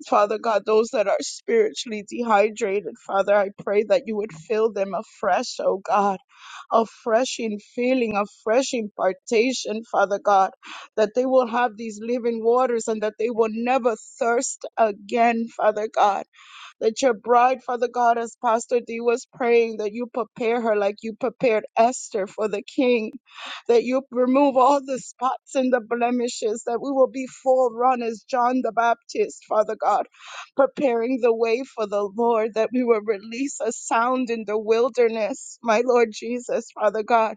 Father God, those that are spiritually dehydrated, Father, I pray that you would fill them afresh, oh God, a fresh in feeling, a fresh impartation, Father God, that they will have these living waters and that they will never thirst again, Father God that your bride, Father God, as Pastor D was praying, that you prepare her like you prepared Esther for the king, that you remove all the spots and the blemishes, that we will be full run as John the Baptist, Father God, preparing the way for the Lord, that we will release a sound in the wilderness, my Lord Jesus, Father God,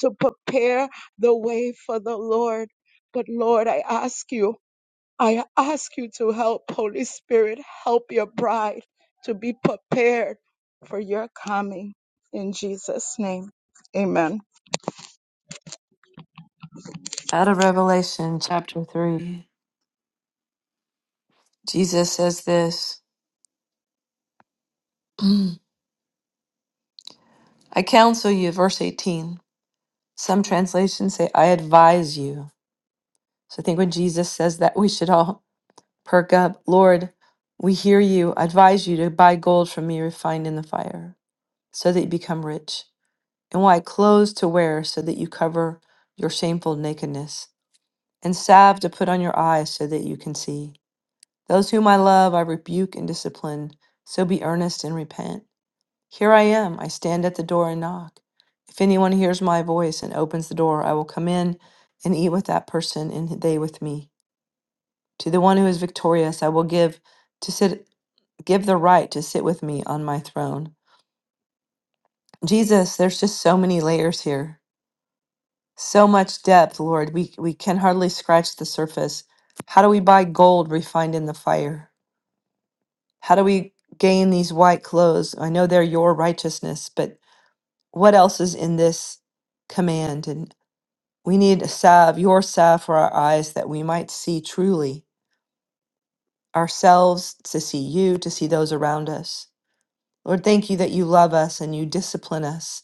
to prepare the way for the Lord. But Lord, I ask you. I ask you to help, Holy Spirit, help your bride to be prepared for your coming. In Jesus' name, amen. Out of Revelation chapter 3, Jesus says this I counsel you, verse 18. Some translations say, I advise you. So I think when Jesus says that, we should all Perk up, Lord, we hear you. I advise you to buy gold from me refined in the fire, so that you become rich, and white clothes to wear, so that you cover your shameful nakedness, and salve to put on your eyes, so that you can see. Those whom I love, I rebuke and discipline, so be earnest and repent. Here I am, I stand at the door and knock. If anyone hears my voice and opens the door, I will come in and eat with that person and they with me. To the one who is victorious, I will give to sit give the right to sit with me on my throne. Jesus, there's just so many layers here. So much depth, Lord. We we can hardly scratch the surface. How do we buy gold refined in the fire? How do we gain these white clothes? I know they're your righteousness, but what else is in this command? And we need a salve, your salve for our eyes that we might see truly ourselves, to see you, to see those around us. Lord, thank you that you love us and you discipline us.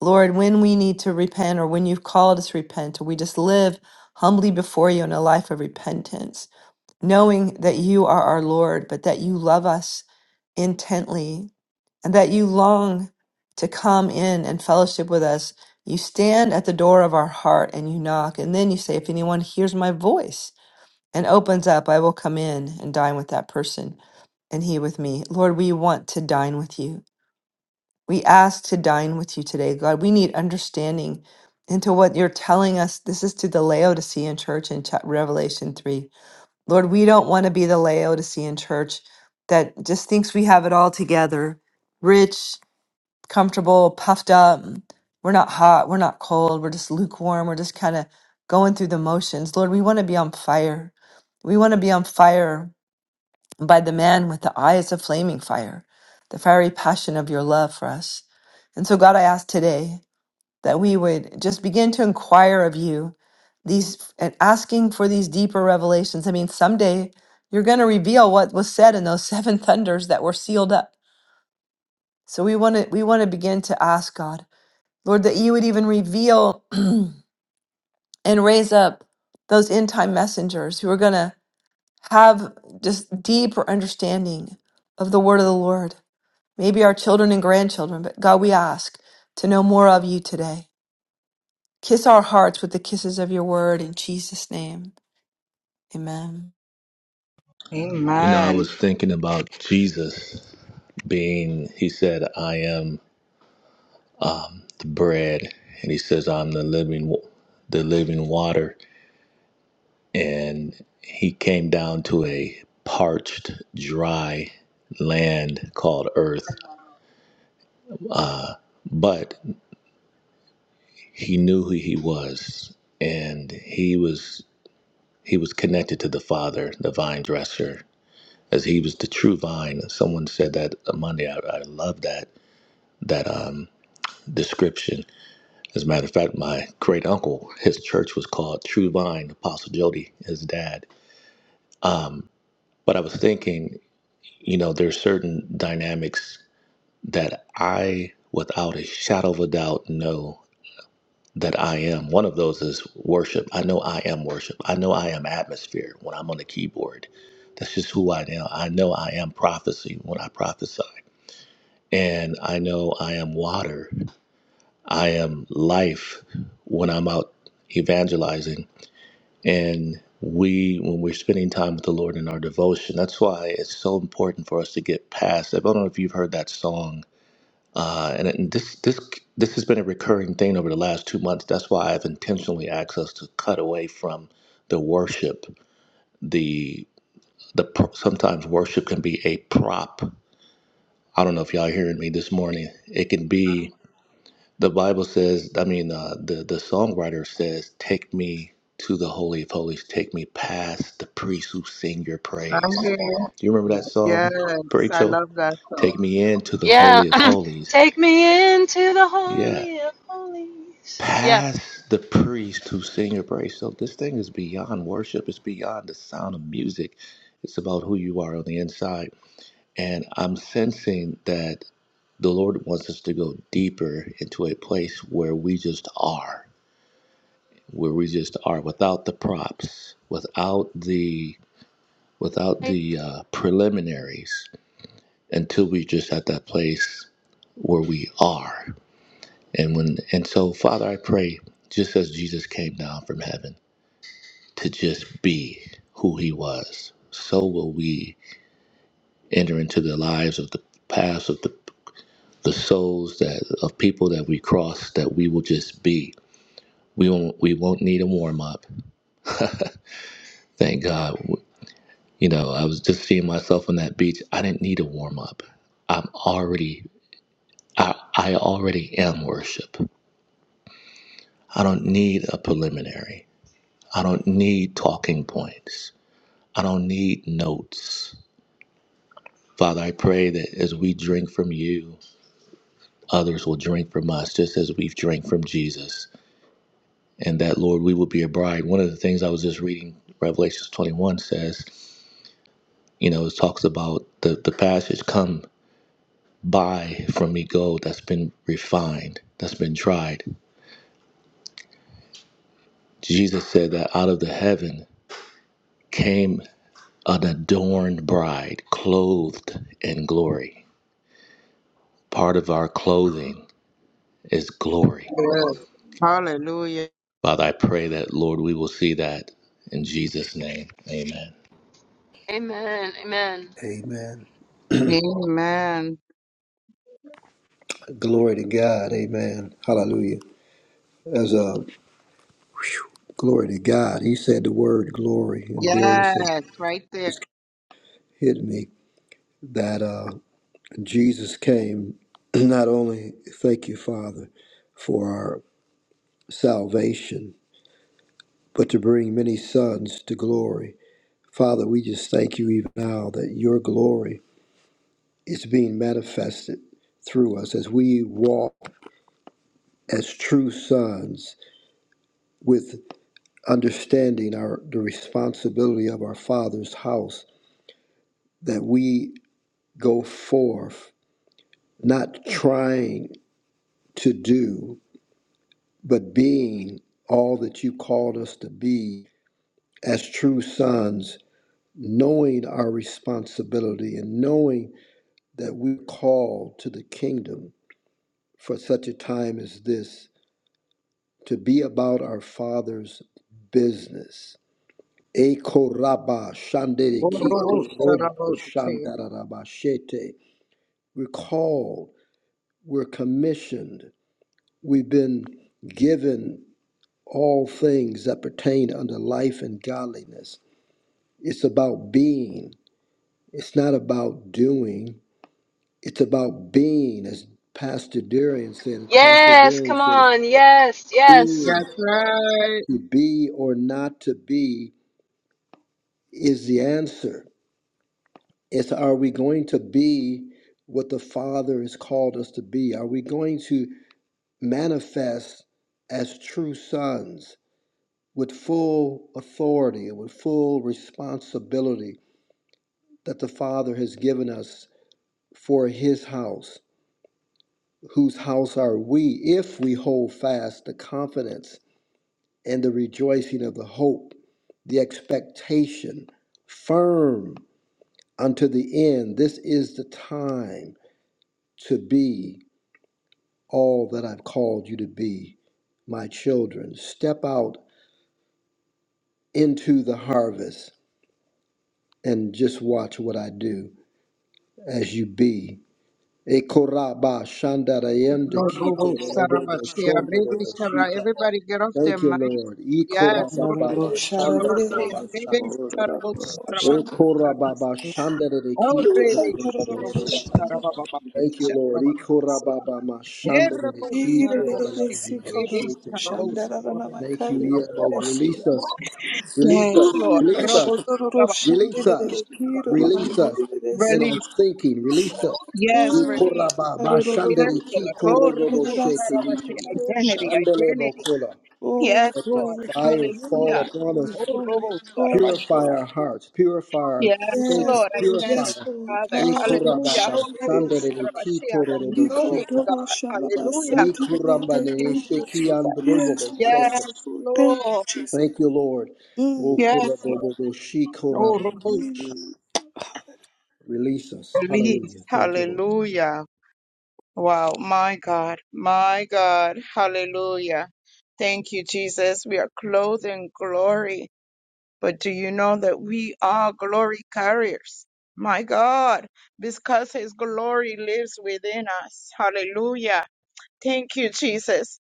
Lord, when we need to repent or when you've called us to repent, we just live humbly before you in a life of repentance, knowing that you are our Lord, but that you love us intently and that you long to come in and fellowship with us. You stand at the door of our heart and you knock, and then you say, If anyone hears my voice and opens up, I will come in and dine with that person and he with me. Lord, we want to dine with you. We ask to dine with you today, God. We need understanding into what you're telling us. This is to the Laodicean church in chap- Revelation 3. Lord, we don't want to be the Laodicean church that just thinks we have it all together rich, comfortable, puffed up. We're not hot. We're not cold. We're just lukewarm. We're just kind of going through the motions. Lord, we want to be on fire. We want to be on fire and by the man with the eyes of flaming fire, the fiery passion of your love for us. And so, God, I ask today that we would just begin to inquire of you these and asking for these deeper revelations. I mean, someday you're going to reveal what was said in those seven thunders that were sealed up. So we want to we want to begin to ask God, Lord, that you would even reveal and raise up those end time messengers who are going to have just deeper understanding of the word of the Lord maybe our children and grandchildren, but God, we ask to know more of you today. Kiss our hearts with the kisses of your word in Jesus' name. Amen. You know, I Amen. was thinking about Jesus being. He said, "I am the bread," and he says, "I'm the living, wa- the living water." And he came down to a parched, dry land called Earth, uh, but he knew who he was, and he was he was connected to the Father, the vine dresser as he was the true vine. Someone said that Monday. I, I love that that um, description. As a matter of fact, my great uncle, his church was called True Vine. Apostle Jody, his dad. Um, but I was thinking, you know, there's certain dynamics that I, without a shadow of a doubt, know that I am. One of those is worship. I know I am worship. I know I am atmosphere when I'm on the keyboard. That's just who I am. I know I am prophecy when I prophesy. And I know I am water. I am life when I'm out evangelizing. And we, when we're spending time with the Lord in our devotion, that's why it's so important for us to get past. I don't know if you've heard that song. Uh, and, and this, this, this has been a recurring thing over the last two months. That's why I've intentionally asked us to cut away from the worship. The, the pr- sometimes worship can be a prop. I don't know if y'all are hearing me this morning. It can be The Bible says, I mean, uh, the, the songwriter says, Take me to the Holy of Holies, take me past the priests who sing your praise. Okay. Do you remember that Yes, song, I Rachel? love that song. Take me into the Holy of Holies. Yeah. Past the priest who sing your praise. So this thing is beyond worship, it's beyond the sound of music. It's about who you are on the inside. And I'm sensing that the Lord wants us to go deeper into a place where we just are where we just are without the props, without the without the uh, preliminaries until we just at that place where we are. And when and so Father, I pray just as Jesus came down from heaven to just be who he was, so will we enter into the lives of the past of the the souls that of people that we cross that we will just be. We won't we won't need a warm up. Thank God. You know, I was just seeing myself on that beach. I didn't need a warm up. I'm already, I, I already am worship. I don't need a preliminary. I don't need talking points. I don't need notes. Father, I pray that as we drink from you, others will drink from us, just as we've drank from Jesus. And that, Lord, we will be a bride. One of the things I was just reading, Revelations 21 says, you know, it talks about the, the passage, come buy from me gold that's been refined, that's been tried. Jesus said that out of the heaven came an adorned bride, clothed in glory. Part of our clothing is glory. Yes. Hallelujah. Father, I pray that, Lord, we will see that in Jesus' name. Amen. Amen. Amen. Glory to God. Amen. Hallelujah. As a glory to God, he said the word glory, and there it said, Yes, right there. just hit me that uh, Jesus came not only, thank you, Father, for our salvation, but to bring many sons to glory. Father, we just thank you even now that your glory is being manifested through us as we walk as true sons with understanding our the responsibility of our father's house that we go forth not trying to do but being all that you called us to be as true sons knowing our responsibility and knowing that we're called to the kingdom for such a time as this to be about our Father's business. Ekoraba shanderikito robo shandarabashete. We're called, we're commissioned, we've been given all things that pertain unto life and godliness. It's about being, it's not about doing, it's about being, as Pastor Darian said, Apostle Darian said, it's is That's right. to be or not to be is the answer. It's are we going to be what the Father has called us to be? Are we going to manifest as true sons with full authority and with full responsibility that the Father has given us for His house? Whose house are we if we hold fast the confidence? and the rejoicing of the hope, the expectation, firm unto the end. This is the time to be all that I've called you to be, my children. Step out into the harvest and just watch what I do as you be. Ekoraba No, shandarayende Robo kito robobo Sarabashia, Rebbe shondorobo Sarah, everybody get off their Thank you, mic. Lord. Yes, oh, Ekorababa Robo Sarabashia, shandarababa Rebbe Sarabo Sarabaki Okora Sarabas. baba Shandere, Ikorababa Oh, shanderekito Rebbe Sarabo leleboshita. Thank Sarababakisha. you, Lord. Ikora baba ma Hey, Shandere, Robo Ikorababa mashanderekito Sarabashia, Rebbe leleboshita. Sarabo Thank you, Yellow. Release Sarabakisha. us. Release Yes, us. Ooh, Lord, Release us. Robo bashirororo Release shanderere us. Sarabakisha. Release us. kirororomberere si. In our Release. thinking, release us. Yes, Mm, release. Ikora baba Yes, Shandere, arorororororerasi. Ikorababa Lord. Oh, Robo shanderekito leleboshita. Sarabashia, Niko. identity, identity. Andelebokola. Oh, Yes, Let the Lord. glory, fire glory, fall Hallelujah. glory, upon glory, glory, us. Oh, glory, Robo glory. Sarabashia. Purify our hearts, purify our Yes, thinking, Yes, Lord. I Lord, thank yes, purify. you, Lord. Father. Haroro Hallelujah. Oh, Ekurababa, Robo shanderere Sandere, Sarabashia. The Kitorobo, knowing Shita, kikororo God. Hallelujah. shambabasati denede. Nikuramba, Thank you, Nesheki, and Jesus. Yes, Robobo, Lord, yes, Seke. Yes, Lord. Thank you, Lord. Jesus. Thank you, Lord. Mm, Yes, Lord. Okurabobo, Oh, Shikurama. Robo mm. Release us. Release. Hallelujah. Thank you, Lord. Hallelujah. Wow. My God. My God. Hallelujah. Thank you, Jesus. We are clothed in glory. But do you know that we are glory carriers? My God, because His glory lives within us. Hallelujah. Thank you, Jesus.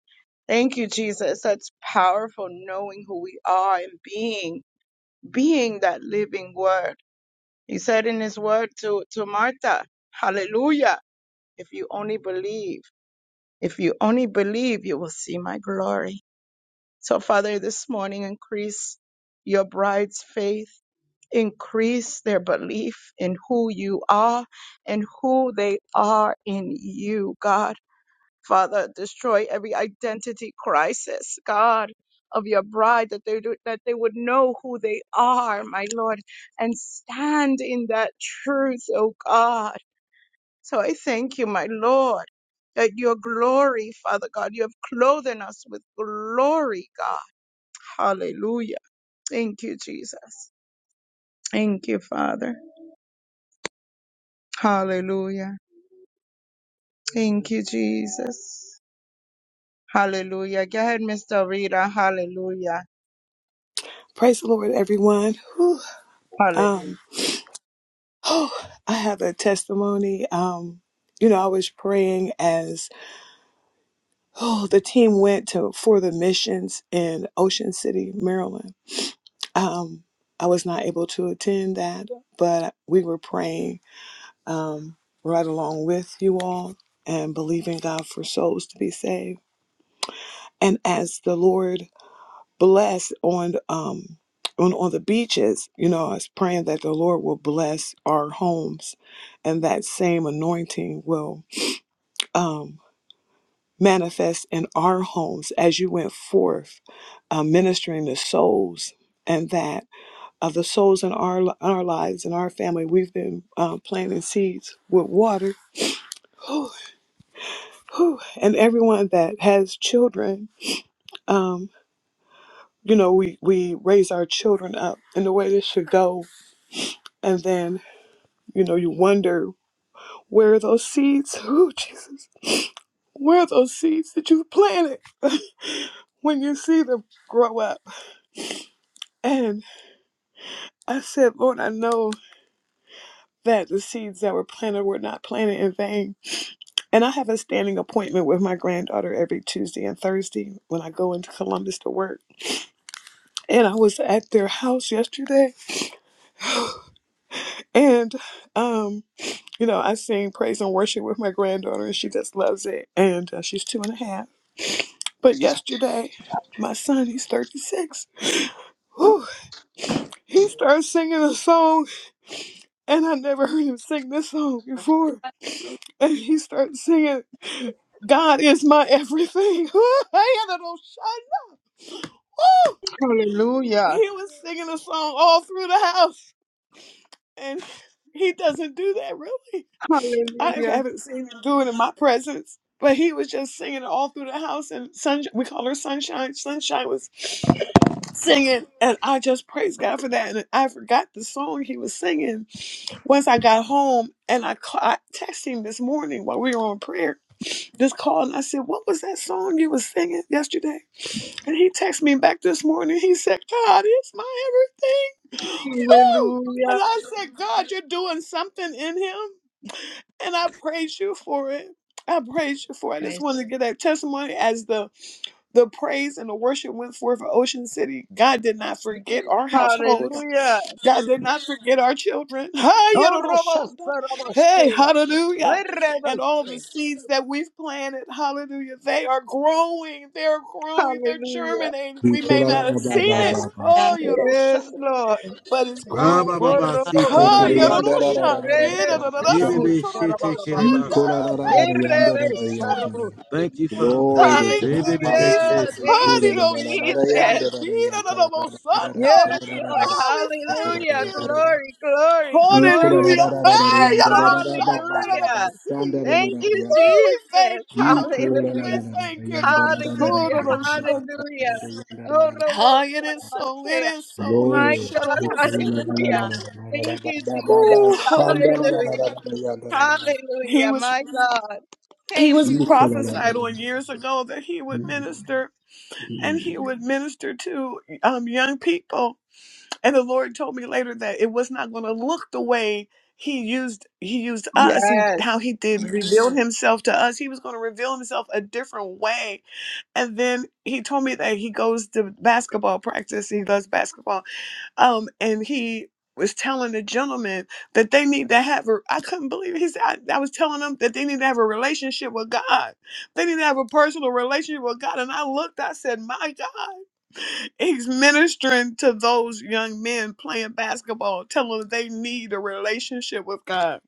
Thank you, Jesus. That's powerful knowing who we are and being, being that living word. He said in His word to, to Martha, Hallelujah. If you only believe, if you only believe, you will see my glory. So, Father, this morning increase your bride's faith increase their belief in who you are and who they are in you, God. Father, destroy every identity crisis, God, of your bride, that they, do, that they would know who they are, my Lord, and stand in that truth, oh God. So I thank you, my Lord, that your glory, Father God, you have clothed us with glory, God. Hallelujah. Thank you, Jesus. Thank you, Father. Hallelujah. Thank you, Jesus. Hallelujah. Go ahead, Mr. Rita. Hallelujah. Praise the Lord, everyone. Whew. Um, Hallelujah. Oh, I have a testimony. Um, you know, I was praying as oh the team went to for the missions in Ocean City, Maryland. Um, I was not able to attend that, but we were praying um, right along with you all and believing God for souls to be saved. And as the Lord blessed on um on, on the beaches, you know, I was praying that the Lord will bless our homes and that same anointing will um, manifest in our homes as you went forth uh, ministering to souls and that of the souls in our in our lives in our family we've been uh, planting seeds with water Whew, whew. and everyone that has children um, you know we, we raise our children up in the way they should go and then you know you wonder where are those seeds oh jesus where are those seeds that you planted when you see them grow up I said, Lord, I know that the seeds that were planted were not planted in vain. And I have a standing appointment with my granddaughter every Tuesday and Thursday when I go into Columbus to work. And I was at their house yesterday and um you know, I sing praise and worship with my granddaughter, and she just loves it. And uh, she's two and a half. But yesterday, my son, he's 36. Whew, he starts singing a song And I never heard him sing this song before. And he starts singing, God is my everything. I had a little shut up. Woo! Hallelujah. He was singing a song all through the house. And he doesn't do that really. I Hallelujah. haven't seen him do it in my presence. But he was just singing it all through the house. And sunshine, we call her Sunshine. Sunshine was singing. And I just praise God for that. And I forgot the song he was singing once I got home and I, ca- I texted him this morning while we were on prayer, this call, and I said, What was that song you was singing yesterday? And he texted me back this morning. He said, God is my everything. Woo! Hallelujah. And I said, God, you're doing something in him. And I praise you for it. I praise you for it. I just Praise. want to get that testimony as the the praise and the worship went forth for Ocean City. God did not forget our households. Hallelujah. God did not forget our children. Hi, Oh, Robo yadadoshanah. Hey, Sarabashea. hallelujah. And all the Rebose. seeds that we've planted, hallelujah, they are growing. They're growing. They're Hallelujah. germinating. We may not have seen it. Yes. Nikurababa, Yes. Oh, Yes, yadadoshanah, Lord. but it's grown. Rabba Oh, Baba Robo Site Hi, Shandarababa, Kereba. Sarabashea. yadadoshanah. Rebe Shandarababa, Sarabo Yadadadadasi, Shandarababa, Rebebe Shete Sarababaki. Kerebasa. todadadoshanah. Thank you, Yerebe Jesus. Sarabose. Thank you, Father. Thank you, Rebebe Hallelujah. Jesus. Shete. Thank you, Honey, no Jesus. shandere, kira, no, no, no, sando. Yes, Lord. Oh, we thank Hallelujah. you. Glory, glory, glory. Hallelujah. Hey, no, no, no, shanda, no, no, no, Hallelujah. see. Thank you, Oh, we Jesus. thank you. We Hallelujah. thank you, God. Oh, Hallelujah. no, no, shanda. Hallelujah. Oh, Robo Ah, it is so. It Sarabatea. is so. He My shut up God. on Sunday. Hallelujah. God. Thank you, Jesus. Oh, hallelujah. Hallelujah. He Hallelujah. was My God. he Thank was you, Jesus. prophesied on years ago that he would minister and he would minister to um, young people And the Lord told me later that it was not going to look the way he used he used us he Yes. how he did reveal himself to us he was going to reveal himself a different way and then he told me that he goes to basketball practice he loves basketball um, and he was telling the gentleman that they need to have a. I couldn't believe it. he said I, I was telling them that they need to have a relationship with God. They need to have a personal relationship with God. And I looked. I said, My God, he's ministering to those young men playing basketball, telling them they need a relationship with God.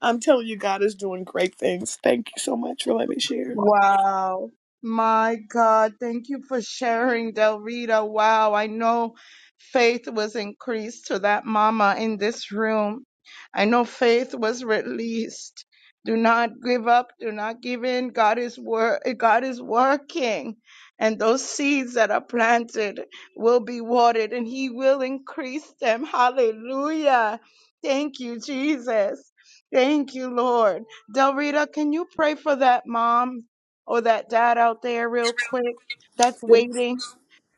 I'm telling you, God is doing great things. Thank you so much for letting me share. Wow. My God. Thank you for sharing, Del Rita. Wow. I know faith was increased to that mama in this room. I know faith was released. Do not give up. Do not give in. God is wor- God is working. And those seeds that are planted will be watered and he will increase them. Hallelujah. Thank you, Jesus. Thank you, Lord. Del Rita, can you pray for that mom or that dad out there real quick that's Dear waiting?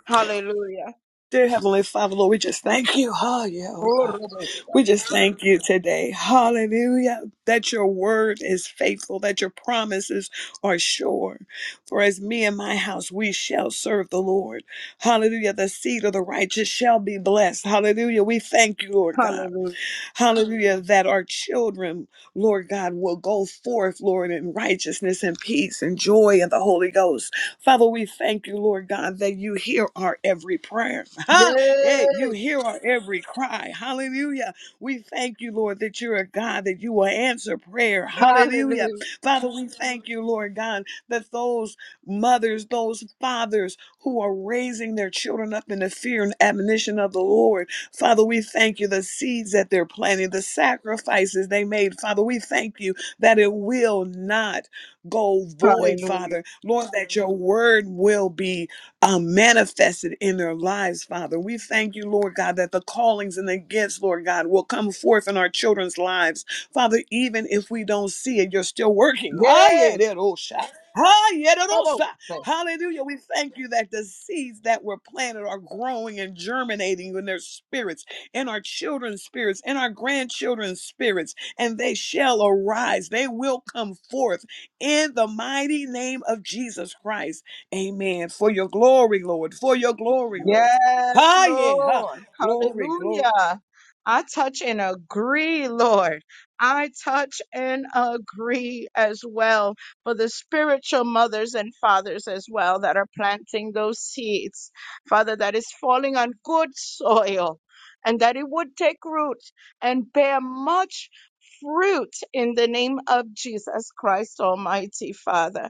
Hallelujah. dear Heavenly Father, Lord, we just thank you. Oh, yeah, oh Oh, God. Robert. We just thank you today. Hallelujah. That your word is faithful, that your promises are sure. For as me and my house, we shall serve the Lord. Hallelujah. The seed of the righteous shall be blessed. Hallelujah. We thank you, Lord God. Hallelujah. Hallelujah. That our children, Lord God, will go forth, Lord, in righteousness and peace and joy in the Holy Ghost. Father, we thank you, Lord God, that you hear our every prayer. Ha! Yeah, you Yes. hear our every cry. Hallelujah. We thank you, Lord, that you're a God that you will answer prayer. Hallelujah. Hallelujah. Father, we thank you, Lord God, that those mothers, those fathers who are raising their children up in the fear and admonition of the Lord, Father, we thank you the seeds that they're planting, the sacrifices they made. Father, we thank you that it will not go void, Hallelujah. Father. Lord, that your word will be um, manifested in their lives, Father. We thank you, Lord God, that the callings and the gifts, Lord God, will come forth in our children's lives. Father, even if we don't see it, you're still working. Ah, yeah, Yes. that old shot. Ah, yeah, that old shot. Robert. Hallelujah. We thank you that the seeds that were planted are growing and germinating in their spirits, in our children's spirits, in our grandchildren's spirits, and they shall arise. They will come forth in the mighty name of Jesus Christ. Amen. For your glory, Lord. For your glory, Lord. Yes, Ha, yeah, ha. Lord. Glory, glory. Hallelujah. I touch and agree, Lord. I touch and agree as well for the spiritual mothers and fathers as well that are planting those seeds. Father, that is falling on good soil and that it would take root and bear much fruit in the name of Jesus Christ Almighty, Father.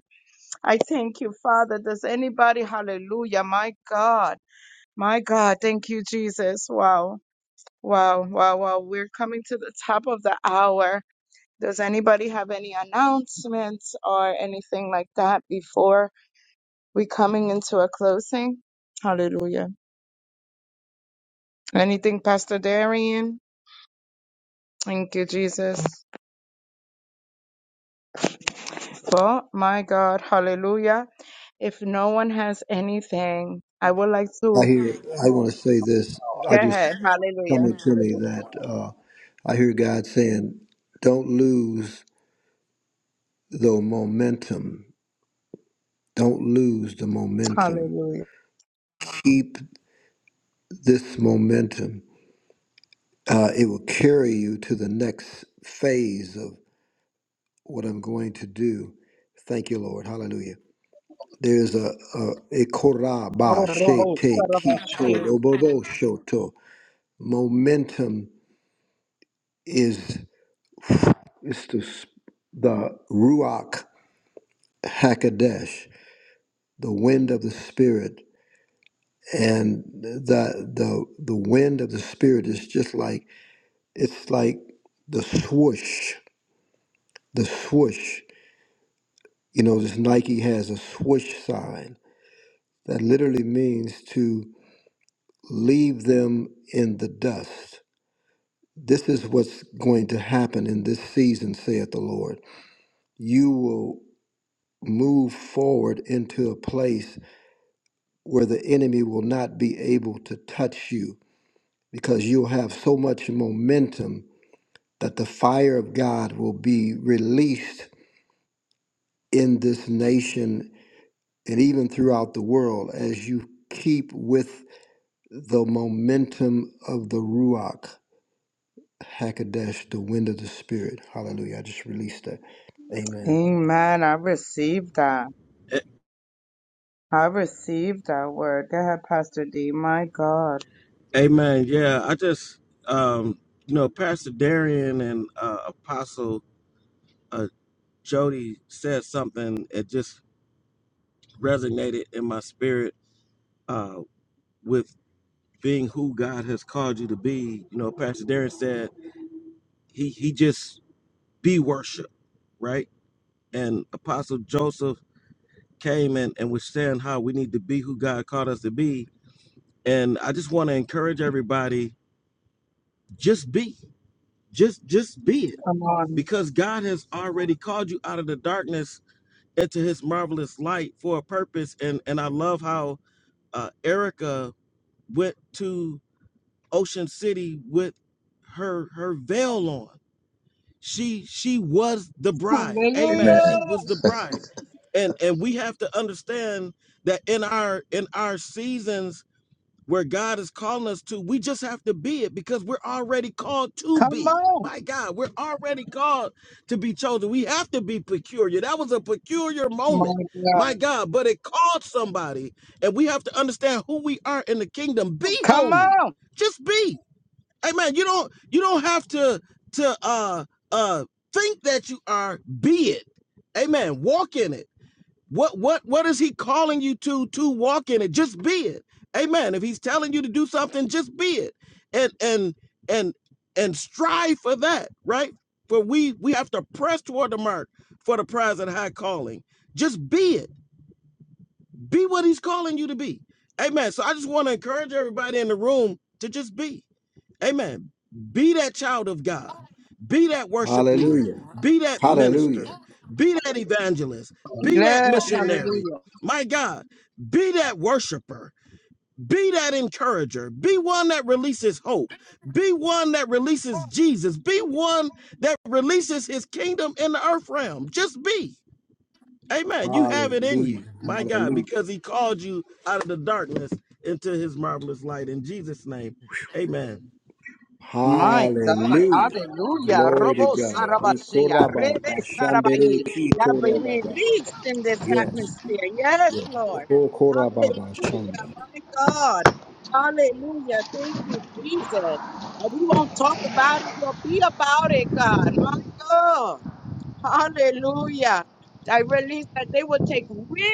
I thank you, Father. Does anybody, hallelujah, my God. My God, thank you, Jesus. Wow, wow, wow, wow. We're coming to the top of the hour. Does anybody have any announcements or anything like that before we coming into a closing? Hallelujah. Anything, Pastor Darian? Thank you, Jesus. Well, my God, hallelujah. If no one has anything, I would like I to hear. I want go to say this. I just ahead. Hallelujah. coming to me that uh, I hear God saying, "Don't lose the momentum. Don't lose the momentum. Hallelujah. Keep this momentum. Uh, it will carry you to the next phase of what I'm going to do." Thank you, Lord. Hallelujah. There's a a a koraba shete kito lobobo shoto. Momentum is. It's the, the Ruach Hakodesh, the wind of the Spirit. And the, the, the wind of the Spirit is just like, it's like the swoosh, the swoosh. You know, this Nike has a swoosh sign that literally means to leave them in the dust. This is what's going to happen in this season, saith the Lord. You will move forward into a place where the enemy will not be able to touch you because you'll have so much momentum that the fire of God will be released in this nation and even throughout the world as you keep with the momentum of the Ruach Hakadesh, the wind of the Spirit. Hallelujah. I just released that. Amen. Amen. I received that. A- I received that word. Go ahead, Pastor D. My God. Amen. Yeah, I just um you know, Pastor Darian and uh, Apostle uh, Jody said something that just resonated in my spirit uh, with being who God has called you to be. You know, Pastor Darian said he he just be worship, right? And Apostle Joseph came and, and was saying how we need to be who God called us to be. And I just want to encourage everybody, just be. Just just be it. Come on. Because God has already called you out of the darkness into his marvelous light for a purpose. And and I love how uh, Erica went to Ocean City with her her veil on. She she was the bride. Amen. Amen. Hallelujah. She was the bride. And and we have to understand that in our in our seasons where God is calling us to. We just have to be it because we're already called to Come be. on. My God, we're already called to be chosen. We have to be peculiar. That was a peculiar moment. My My God. God, but it called somebody, and we have to understand who we are in the kingdom. Be Come holy. on. Just be. Amen. You don't you don't have to to uh uh think that you are, be it. Amen. Walk in it. What what what is he calling you to to walk in it? Just be it. Amen. If he's telling you to do something, just be it. And and and and strive for that, right? For we we have to press toward the mark for the prize and high calling. Just be it. Be what he's calling you to be. Amen. So I just want to encourage everybody in the room to just be. Amen. Be that child of God. Be that worship leader. Hallelujah. Be that Hallelujah. minister. Be that evangelist. Be that Yes. missionary. Hallelujah. My God, be that worshiper. Be that encourager. Be one that releases hope. Be one that releases Jesus. Be one that releases his kingdom in the earth realm. Just be. Amen. You have it in you. Hallelujah. My God, Hallelujah. because he called you out of the darkness into his marvelous light. In Jesus' name, amen. My God, Hallelujah. hallelujah. Glory to Robo God. Sarabashia, Ikoraba, Rebe Sarabai. bashandere, That be kitorababa. released in this Yes. atmosphere. Yes, Yes. Lord. Okorababa, Hallelujah, shanda. my God. Hallelujah. Thank you, Jesus. And we won't talk about it, we'll be about it, God. My God. Hallelujah. I release that they will take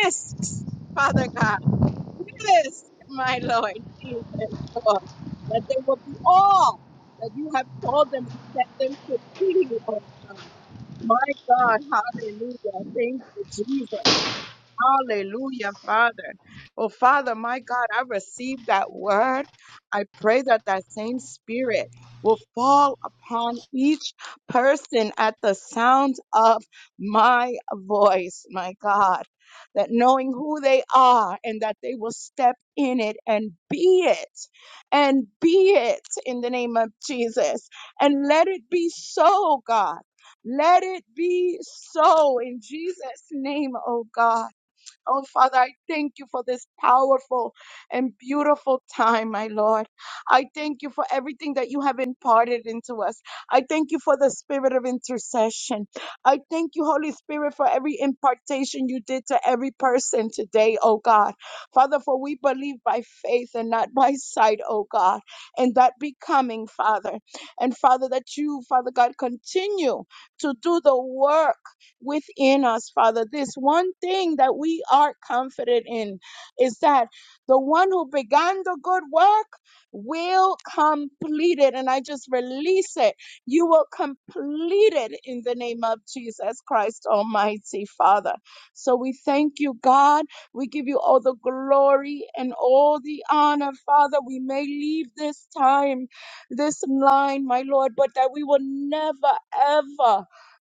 risks, Father God. Yes, my Lord, Jesus, Lord, that they will be all that you have called them and set them to be. Oh, my God, hallelujah. Thank you, Jesus. Hallelujah, Father. Oh, Father, my God, I receive that word. I pray that that same spirit will fall upon each person at the sound of my voice, my God. That knowing who they are and that they will step in it and be it, and be it in the name of Jesus. And let it be so, God. Let it be so in Jesus' name, oh God. Oh, Father, I thank you for this powerful and beautiful time, my Lord. I thank you for everything that you have imparted into us. I thank you for the spirit of intercession. I thank you, Holy Spirit, for every impartation you did to every person today, oh God. Father, for we believe by faith and not by sight, oh God, and that becoming, Father. And Father, that you, Father God, continue to do the work within us, Father. This one thing that we are confident in is that the one who began the good work will complete it. And I just release it. You will complete it in the name of Jesus Christ, Almighty Father. So we thank you, God. We give you all the glory and all the honor, Father. We may leave this time, this line, my Lord, but that we will never, ever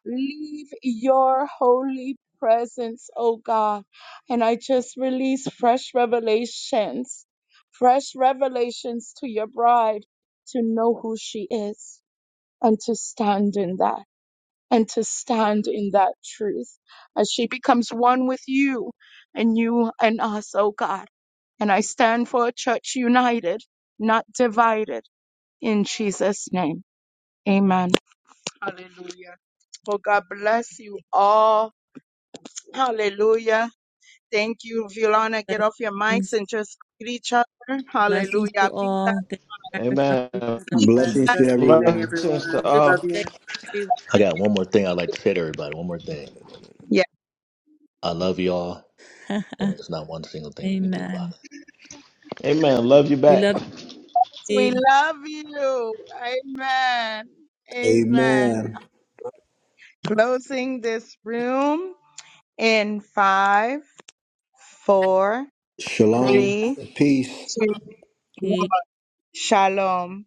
Leave your holy presence, oh God. And I just release fresh revelations, fresh revelations to your bride to know who she is and to stand in that and to stand in that truth as she becomes one with you and you and us, oh God. And I stand for a church united, not divided, in Jesus' name. Amen. Hallelujah. Well, God bless you all. Hallelujah. Thank you, Violana. Get off your mics Blessings, and just greet each other. blessings to Hallelujah. Be that. all. Thank you, Erica, Amen. for a God bless. Blessings to Rest of the day, everyone. Blessings to everyone. Wonderful Love all. you. day, I got one more thing I'd like to say to everybody. One more thing. Yes, I love y'all. and everyone. there's not one single thing you can do about Amen. it. Amen. Love you We back. love we you. love you. Amen. Amen. Amen. Closing this room in five, four, Shalom. three, Peace. two, Dee. one. Shalom.